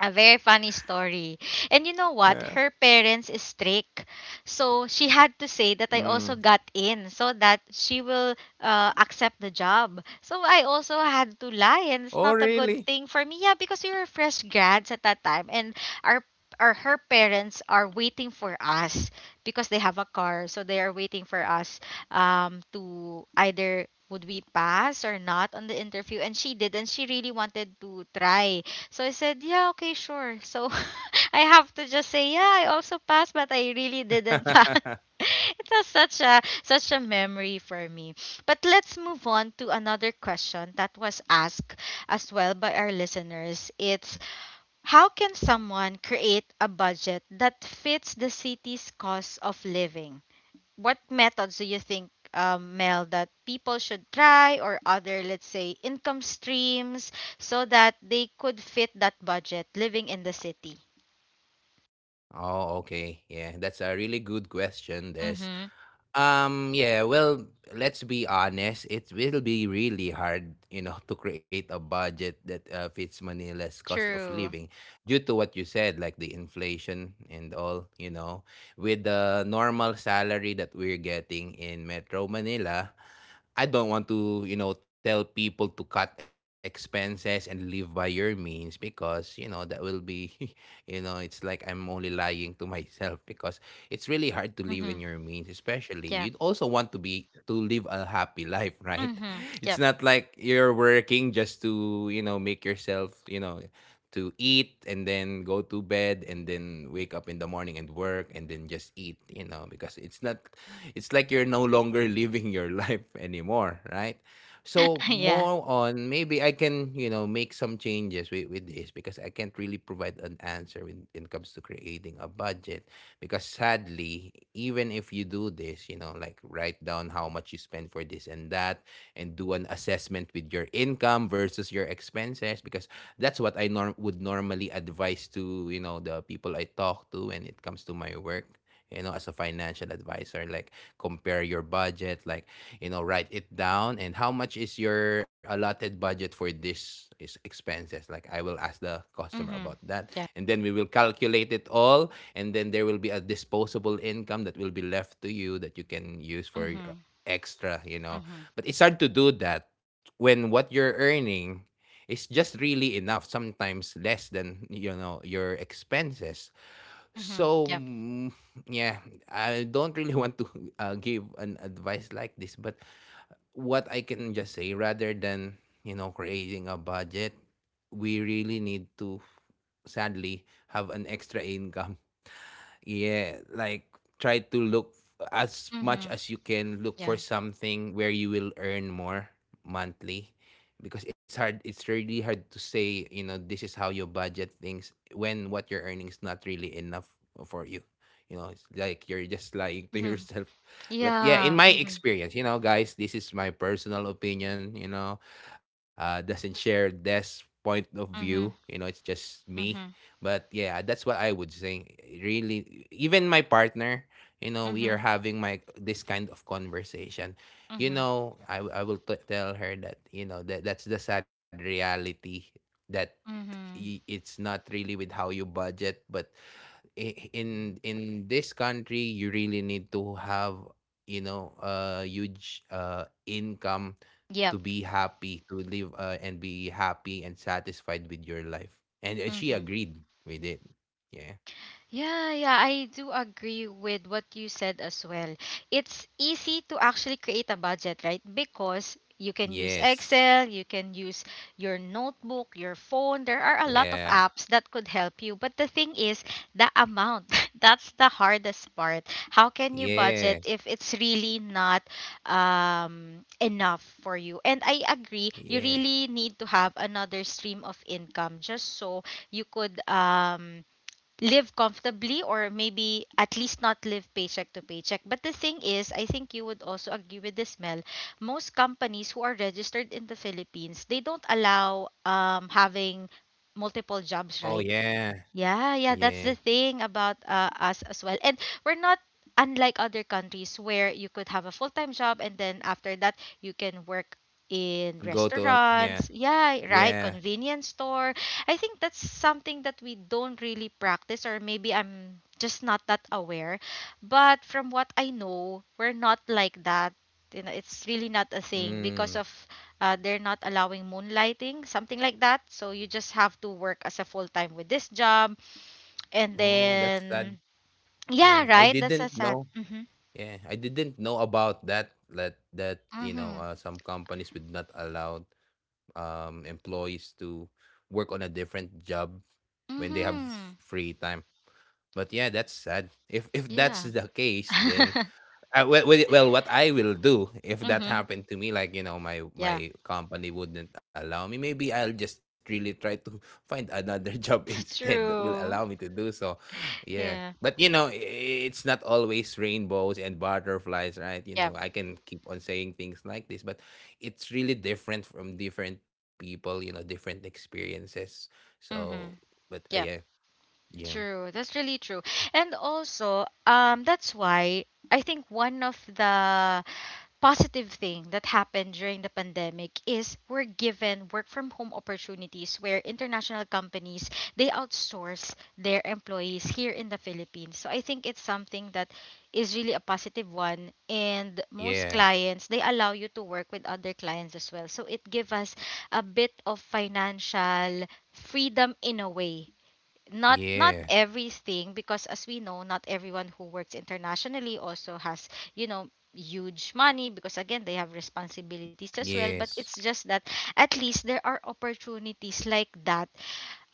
a very funny story. And you know what?
Yeah.
Her parents is strict. So she had to say that I
Mm.
also got in so that she will accept the job. So I also had
Oh,
to lie,
really?
and it's not a good thing for me. Yeah, because we were fresh grads at that time, and our or her parents are waiting for us because they have a car, so they are waiting for us to either would we pass or not on the interview. And she did, and she really wanted to try. So I said, yeah, okay, sure. So I have to just say, yeah, I also passed, but I really didn't pass. It was such a memory for me. But let's move on to another question that was asked as well by our listeners. It's how can someone create a budget that fits the city's cost of living? What methods do you think, Mel, that people should try, or other, let's say, income streams, so that they could fit that budget living in the city?
Oh, okay. Yeah, that's a really good question, this.
Mm-hmm.
Yeah, well, let's be honest, it will be really hard, you know, to create a budget that fits Manila's cost of
True.
living due to what you said, like the inflation and all, you know. With the normal salary that we're getting in Metro Manila, I don't want to, you know, tell people to cut expenses and live by your means because, you know, that will be You know, it's like I'm only lying to myself because it's really hard to live in
Mm-hmm.
your means, especially
Yeah.
you'd also want to live a happy life, right?
Mm-hmm.
It's
Yep.
not like you're working just to, you know, make yourself, you know, to eat and then go to bed and then wake up in the morning and work and then just eat, you know, because it's like you're no longer living your life anymore, right? So
Yeah.
more on maybe I can, you know, make some changes with this, because I can't really provide an answer when it comes to creating a budget. Because sadly, even if you do this, you know, like write down how much you spend for this and that and do an assessment with your income versus your expenses, because that's what I norm would normally advise to, you know, the people I talk to when it comes to my work, you know, as a financial advisor, like compare your budget, like, you know, write it down, and how much is your allotted budget for this is expenses, like I will ask the customer about
Mm-hmm.
that.
Yeah.
And then we will calculate it all, and then there will be a disposable income that will be left to you that you can use for your
Mm-hmm.
extra, you know.
Mm-hmm.
But it's hard to do that when what you're earning is just really enough, sometimes less than, you know, your expenses.
Mm-hmm.
So,
Yep.
yeah, I don't really want to give an advice like this, but what I can just say, rather than, you know, creating a budget, we really need to, sadly, have an extra income. Yeah, like try to look, as much
Mm-hmm.
as you can, look for
Yeah.
something where you will earn more monthly, because it's really hard to say, you know, this is how you budget things when what you're earning is not really enough for you. You know, it's like you're just lying to
Mm-hmm.
yourself. But
Yeah.
yeah, in my
Mm-hmm.
experience, you know, guys, this is my personal opinion, you know. Doesn't share this point of
Mm-hmm.
view, you know, it's just me.
Mm-hmm.
But yeah, that's what I would say. Really, even my partner, you know, we are
Mm-hmm.
having my this kind of conversation. You
Mm-hmm.
know, I will tell her that, you know, that that's the sad reality, that
Mm-hmm.
it's not really with how you budget, but in this country you really need to have, you know, a huge income,
Yep.
to be happy, to live, and be happy and satisfied with your life, and she
Mm-hmm.
agreed with it. Yeah.
Yeah, yeah, I do agree with what you said as well. It's easy to actually create a budget, right? Because you can use
Yes.
Excel, you can use your notebook, your phone. There are a lot of
Yeah.
apps that could help you. But the thing is, the amount. That's the hardest part. How can you budget
Yeah.
if it's really not enough for you? And I agree, you
Yeah.
really need to have another stream of income just so you could. Live comfortably, or maybe at least not live paycheck to paycheck. But the thing is, I think you would also agree with this, Mel. Most companies who are registered in the Philippines, they don't allow having multiple jobs,
Oh,
right?
yeah.
Yeah, yeah, that's
Yeah.
the thing about us as well. And we're not unlike other countries where you could have a full-time job, and then after that you can work in
Yeah.
restaurants. Yeah, right,
Yeah.
convenience store. I think that's something that we don't really practice, or maybe I'm just not that aware. But from what I know, we're not like that. You know, it's really not a thing because
Mm.
of they're not allowing moonlighting, something like that. So you just have to work as a full time with this job, and
Oh, that's sad.
then
Yeah,
yeah,
I
right. That's
didn't
so sad.
know.
Mm-hmm.
Yeah, I didn't know about that. That, you know,
Mm-hmm.
some companies would not allow employees to work on a different job when they have
Mm-hmm.
free time. But yeah, that's sad. If that's
Yeah.
the case, then, well, what I will do if that
Mm-hmm.
happened to me, like, you know, my
Yeah.
my company wouldn't allow me. Maybe I'll just really try to find another job instead that will allow me to
True.
do so. Yeah,
Yeah.
but you know, it's not always rainbows and butterflies, right? You know,
Yep.
I can keep on saying things like this, but it's really different from different people. You know, different experiences. So,
Mm-hmm.
but yeah,
Yep.
yeah,
True. That's really true. And also, that's why I think one of the positive thing that happened during the pandemic is we're given work from home opportunities where international companies they outsource their employees here in the Philippines. So I think it's something that is really a positive one, and
yeah,
most clients they allow you to work with other clients as well. So it gives us a bit of financial freedom in a way. Not not
yeah,
everything, because as we know, not everyone who works internationally also has, you know, huge money, because again they have responsibilities as well. But
yes,
it's just that at least there are opportunities like that,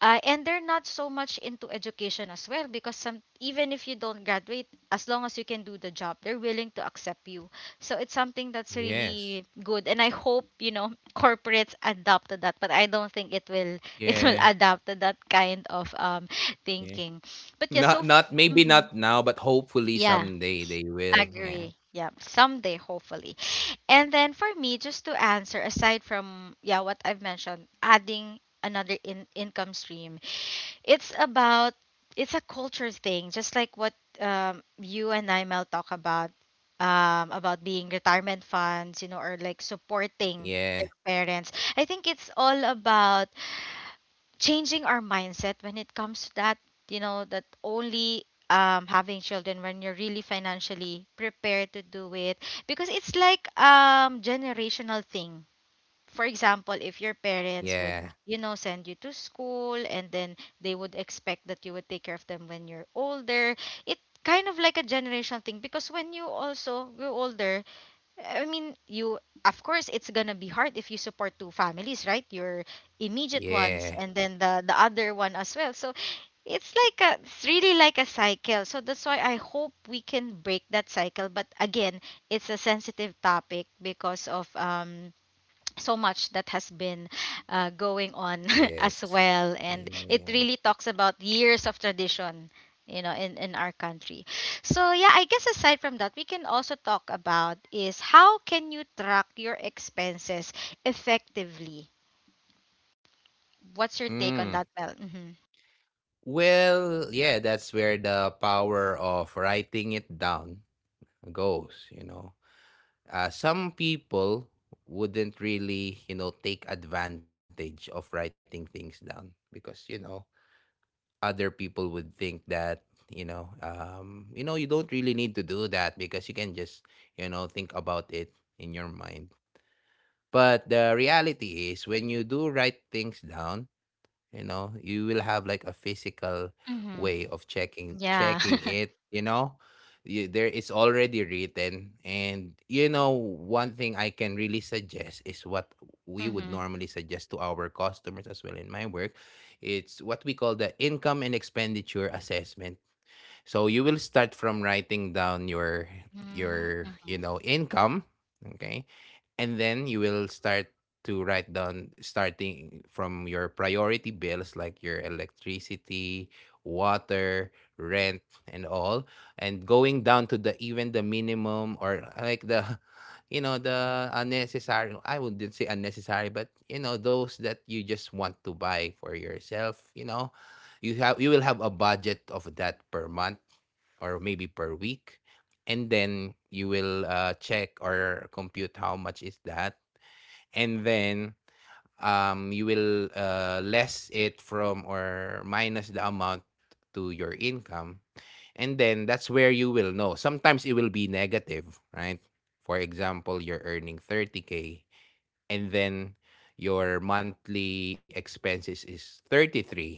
and they're not so much into education as well, because some, even if you don't graduate, as long as you can do the job, they're willing to accept you. So it's something that's
yes,
really good, and I hope, you know, corporates adapt to that. But I don't think it will it will
yeah.
adapt to that kind of
Yeah.
thinking. But yeah,
Not
so
not maybe
mhm.
not now, but hopefully
Yeah,
someday they will. Yeah.
agree. Yeah, someday hopefully. And then for me, just to answer, aside from yeah what I've mentioned, adding another in income stream, it's about it's a culture thing, just like what you and I Mel talk about being retirement funds, you know, or like supporting
Yeah.
their parents. I think it's all about changing our mindset when it comes to that. You know, that only having children when you're really financially prepared to do it, because it's like generational thing. For example, if your parents
Yeah.
would, you know, send you to school, and then they would expect that you would take care of them when you're older, it kind of like a generational thing, because when you also grow older, I mean, you, of course, it's gonna be hard if you support two families, right? Your immediate
Yeah.
ones, and then the other one as well. So it's like a, it's really like a cycle. So that's why I hope we can break that cycle. But again, it's a sensitive topic because of, so much that has been going on as
Yes.
well, and it
Yeah.
really talks about years of tradition, you know, in our country. So yeah, I guess aside from that, we can also talk about is how can you track your expenses effectively? What's your take on
Mm.
that, Mel? Mm-hmm.
Well, yeah, that's where the power of writing it down goes, you know. Some people wouldn't really, you know, take advantage of writing things down because, you know, other people would think that, you know, you know, you don't really need to do that because you can just, you know, think about it in your mind. But the reality is, when you do write things down, you know, you will have like a physical
Hmm.
way of checking
Yeah.
checking it, you know. There is already written, and, you know, one thing I can really suggest is what we would
Hmm.
normally suggest to our customers as well in my work. It's what we call the income and expenditure assessment. So you will start from writing down your you
Mm-hmm.
know, income. Okay. And then you will start to write down, starting from your priority bills, like your electricity, water, rent, and all, and going down to the, even the minimum, or like the, you know, the unnecessary. I wouldn't say unnecessary, but, you know, those that you just want to buy for yourself, you know. You will have a budget of that per month, or maybe per week. And then you will check or compute how much is that. And then, you will less it from, or minus, the amount to your income. And then that's where you will know, sometimes it will be negative, right? For example, you're earning 30K, and then your monthly expenses is 33.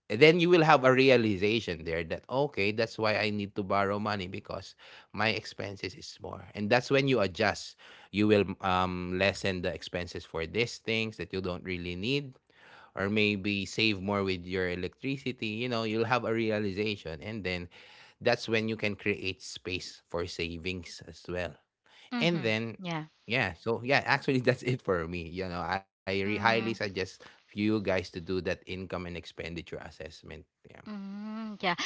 Then you will have a realization there that, okay, that's why I need to borrow money, because my expenses is more. And that's when you adjust. You will lessen the expenses for these things that you don't really need, or maybe save more with your electricity. You know, you'll have a realization, and then that's when you can create space for savings as well. And
Mm-hmm.
then, yeah, so yeah, actually that's it for me. You know, I highly
Yeah.
suggest you guys to do that income and expenditure assessment. Yeah.
Mm, yeah.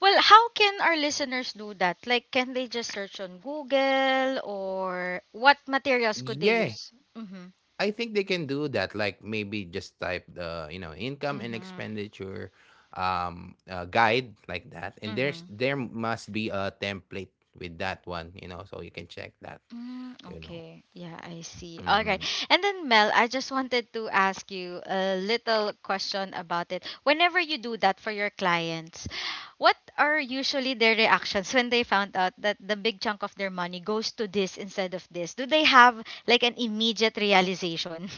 Well, how can our listeners do that? Like, can they just search on Google, or what materials could they
Yeah.
use? Mm-hmm.
I think they can do that. Like, maybe just type the, you know, income and
Mm-hmm.
expenditure guide, like that. And
Mm-hmm.
there must be a template with that one, you know, so you can check that,
Mm,
you know.
okay. Yeah, I see. All right.
Mhm.
And then, Mel, I just wanted to ask you a little question about it. Whenever you do that for your clients, what are usually their reactions when they found out that the big chunk of their money goes to this instead of this? Do they have like an immediate realization?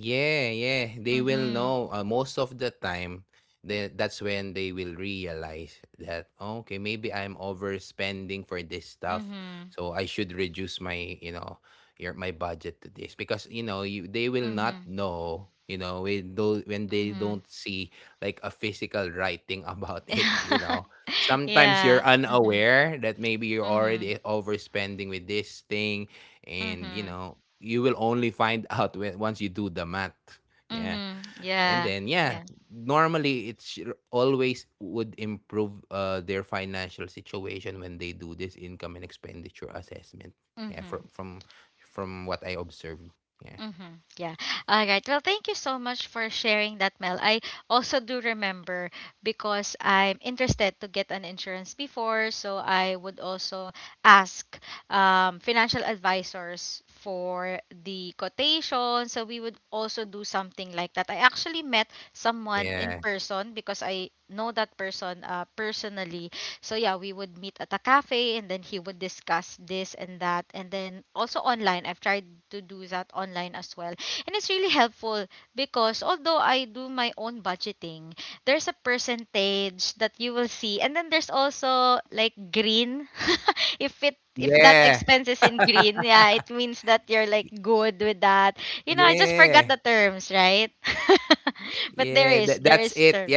Yeah, yeah. They will
Mhm.
know, most of the time, that that's when they will realize that, okay, maybe I'm overspending for this stuff.
Mhm.
So I should reduce my, you know, your my budget to this, because, you know, you they will not
Mhm.
know, you know, when those when they
Mhm.
don't see like a physical writing about it, you know. Sometimes you're
Yeah. Mhm.
unaware that maybe you're
Mhm.
already overspending with this thing, and, you
Mhm.
know, you will only find out when once you do the math. Yeah.
Mhm.
And
Yeah.
then, yeah,
Yeah.
normally, it's always would improve, their financial situation when they do this income and expenditure assessment. Yeah.
Mhm.
From what I observed. Yeah.
Mm-hmm. Yeah. All right. Well, thank you so much for sharing that, Mel. I also do remember, because I'm interested to get an insurance before, so I would also ask financial advisors for the quotation. So we would also do something like that. I actually met
Yeah.
someone in person because I know that person personally, so yeah, we would meet at a cafe and then he would discuss this and that. And then also online, I've tried to do that online as well. And it's really helpful because although I do my own budgeting, there's a percentage that you will see. And then there's also like green. If it if that
Yeah.
expense is in green, yeah, it means that you're like good with that. You know, I just forgot
Yeah.
the terms, right?
Yeah.
But
That,
there
that's
is
it.
there is
Yeah.
term.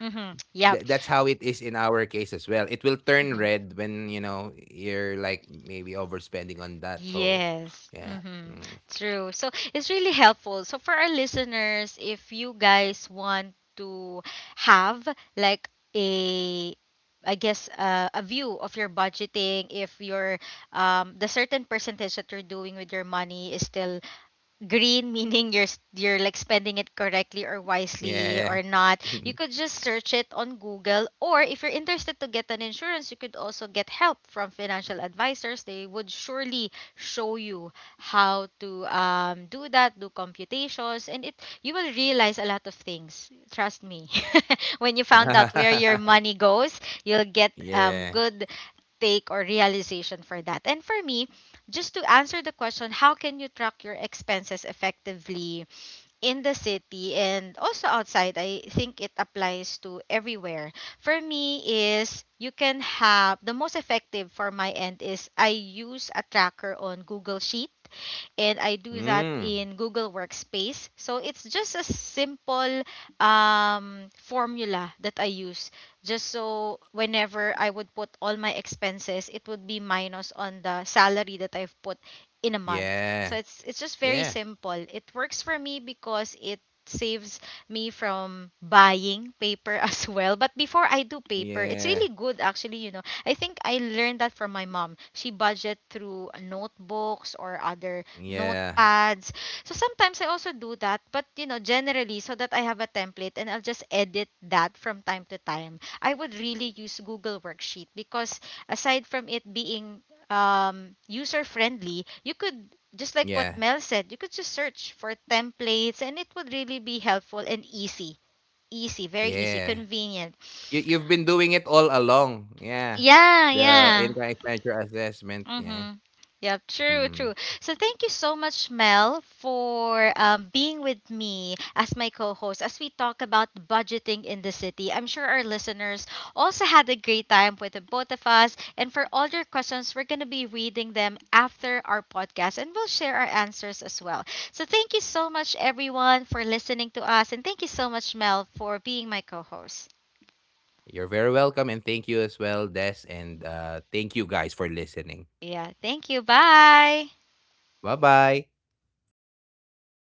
Mhm.
That's
Yep.
how it is in our case as well. It will turn red when, you know, you're like, maybe overspending on that. So
Yes,
yeah,
mm-hmm.
mm,
True. So it's really helpful. So for our listeners, if you guys want to have like a I guess a view of your budgeting, if your the certain percentage that you're doing with your money is still green, meaning you're like spending it correctly or
yeah,
wisely or not, you could just search it on Google. Or if you're interested to get an insurance, you could also get help from financial advisors. They would surely show you how to do that, do computations, and it you will realize a lot of things, trust me. When you found out where your
yeah,
money goes, you'll get
yeah,
good take or realization for that. And for me, just to answer the question, how can you track your expenses effectively? In the city and also outside, I think it applies to everywhere. For me is you can have the most effective for my end is I use a tracker on Google Sheet, and I do that
mm,
in Google Workspace, so it's just a simple formula that I use just so whenever I would put all my expenses, it would be minus on the salary that I've put in a month. So
yeah,
it's just very
yeah,
simple. It works for me because it saves me from buying paper as well. But before I do paper, it's
yeah,
really good actually, you know. I think I learned that from my mom. She budget through notebooks or other
yeah,
notepads. So sometimes I also do that, but you know, generally so that I have a template and I'll just edit that from time to time. I would really use Google worksheet because aside from it being user friendly, you could just like what
yeah,
Mel said, you could just search for templates and it would really be helpful and easy. Easy, very easy,
yeah.
convenient.
You've been doing it all along. Yeah,
Yeah,
the
yeah.
income expenditure assessment. Yeah.
Mm-hmm. Yep, true,
Mm.
true. So thank you so much, Mel, for being with me as my co-host as we talk about budgeting in the city. I'm sure our listeners also had a great time with the both of us. And for all your questions, we're going to be reading them after our podcast, and we'll share our answers as well. So thank you so much, everyone, for listening to us. And thank you so much, Mel, for being my co-host.
You're very welcome, and thank you as well, Des, and thank you guys for listening.
Yeah, thank you. Bye.
Bye-bye.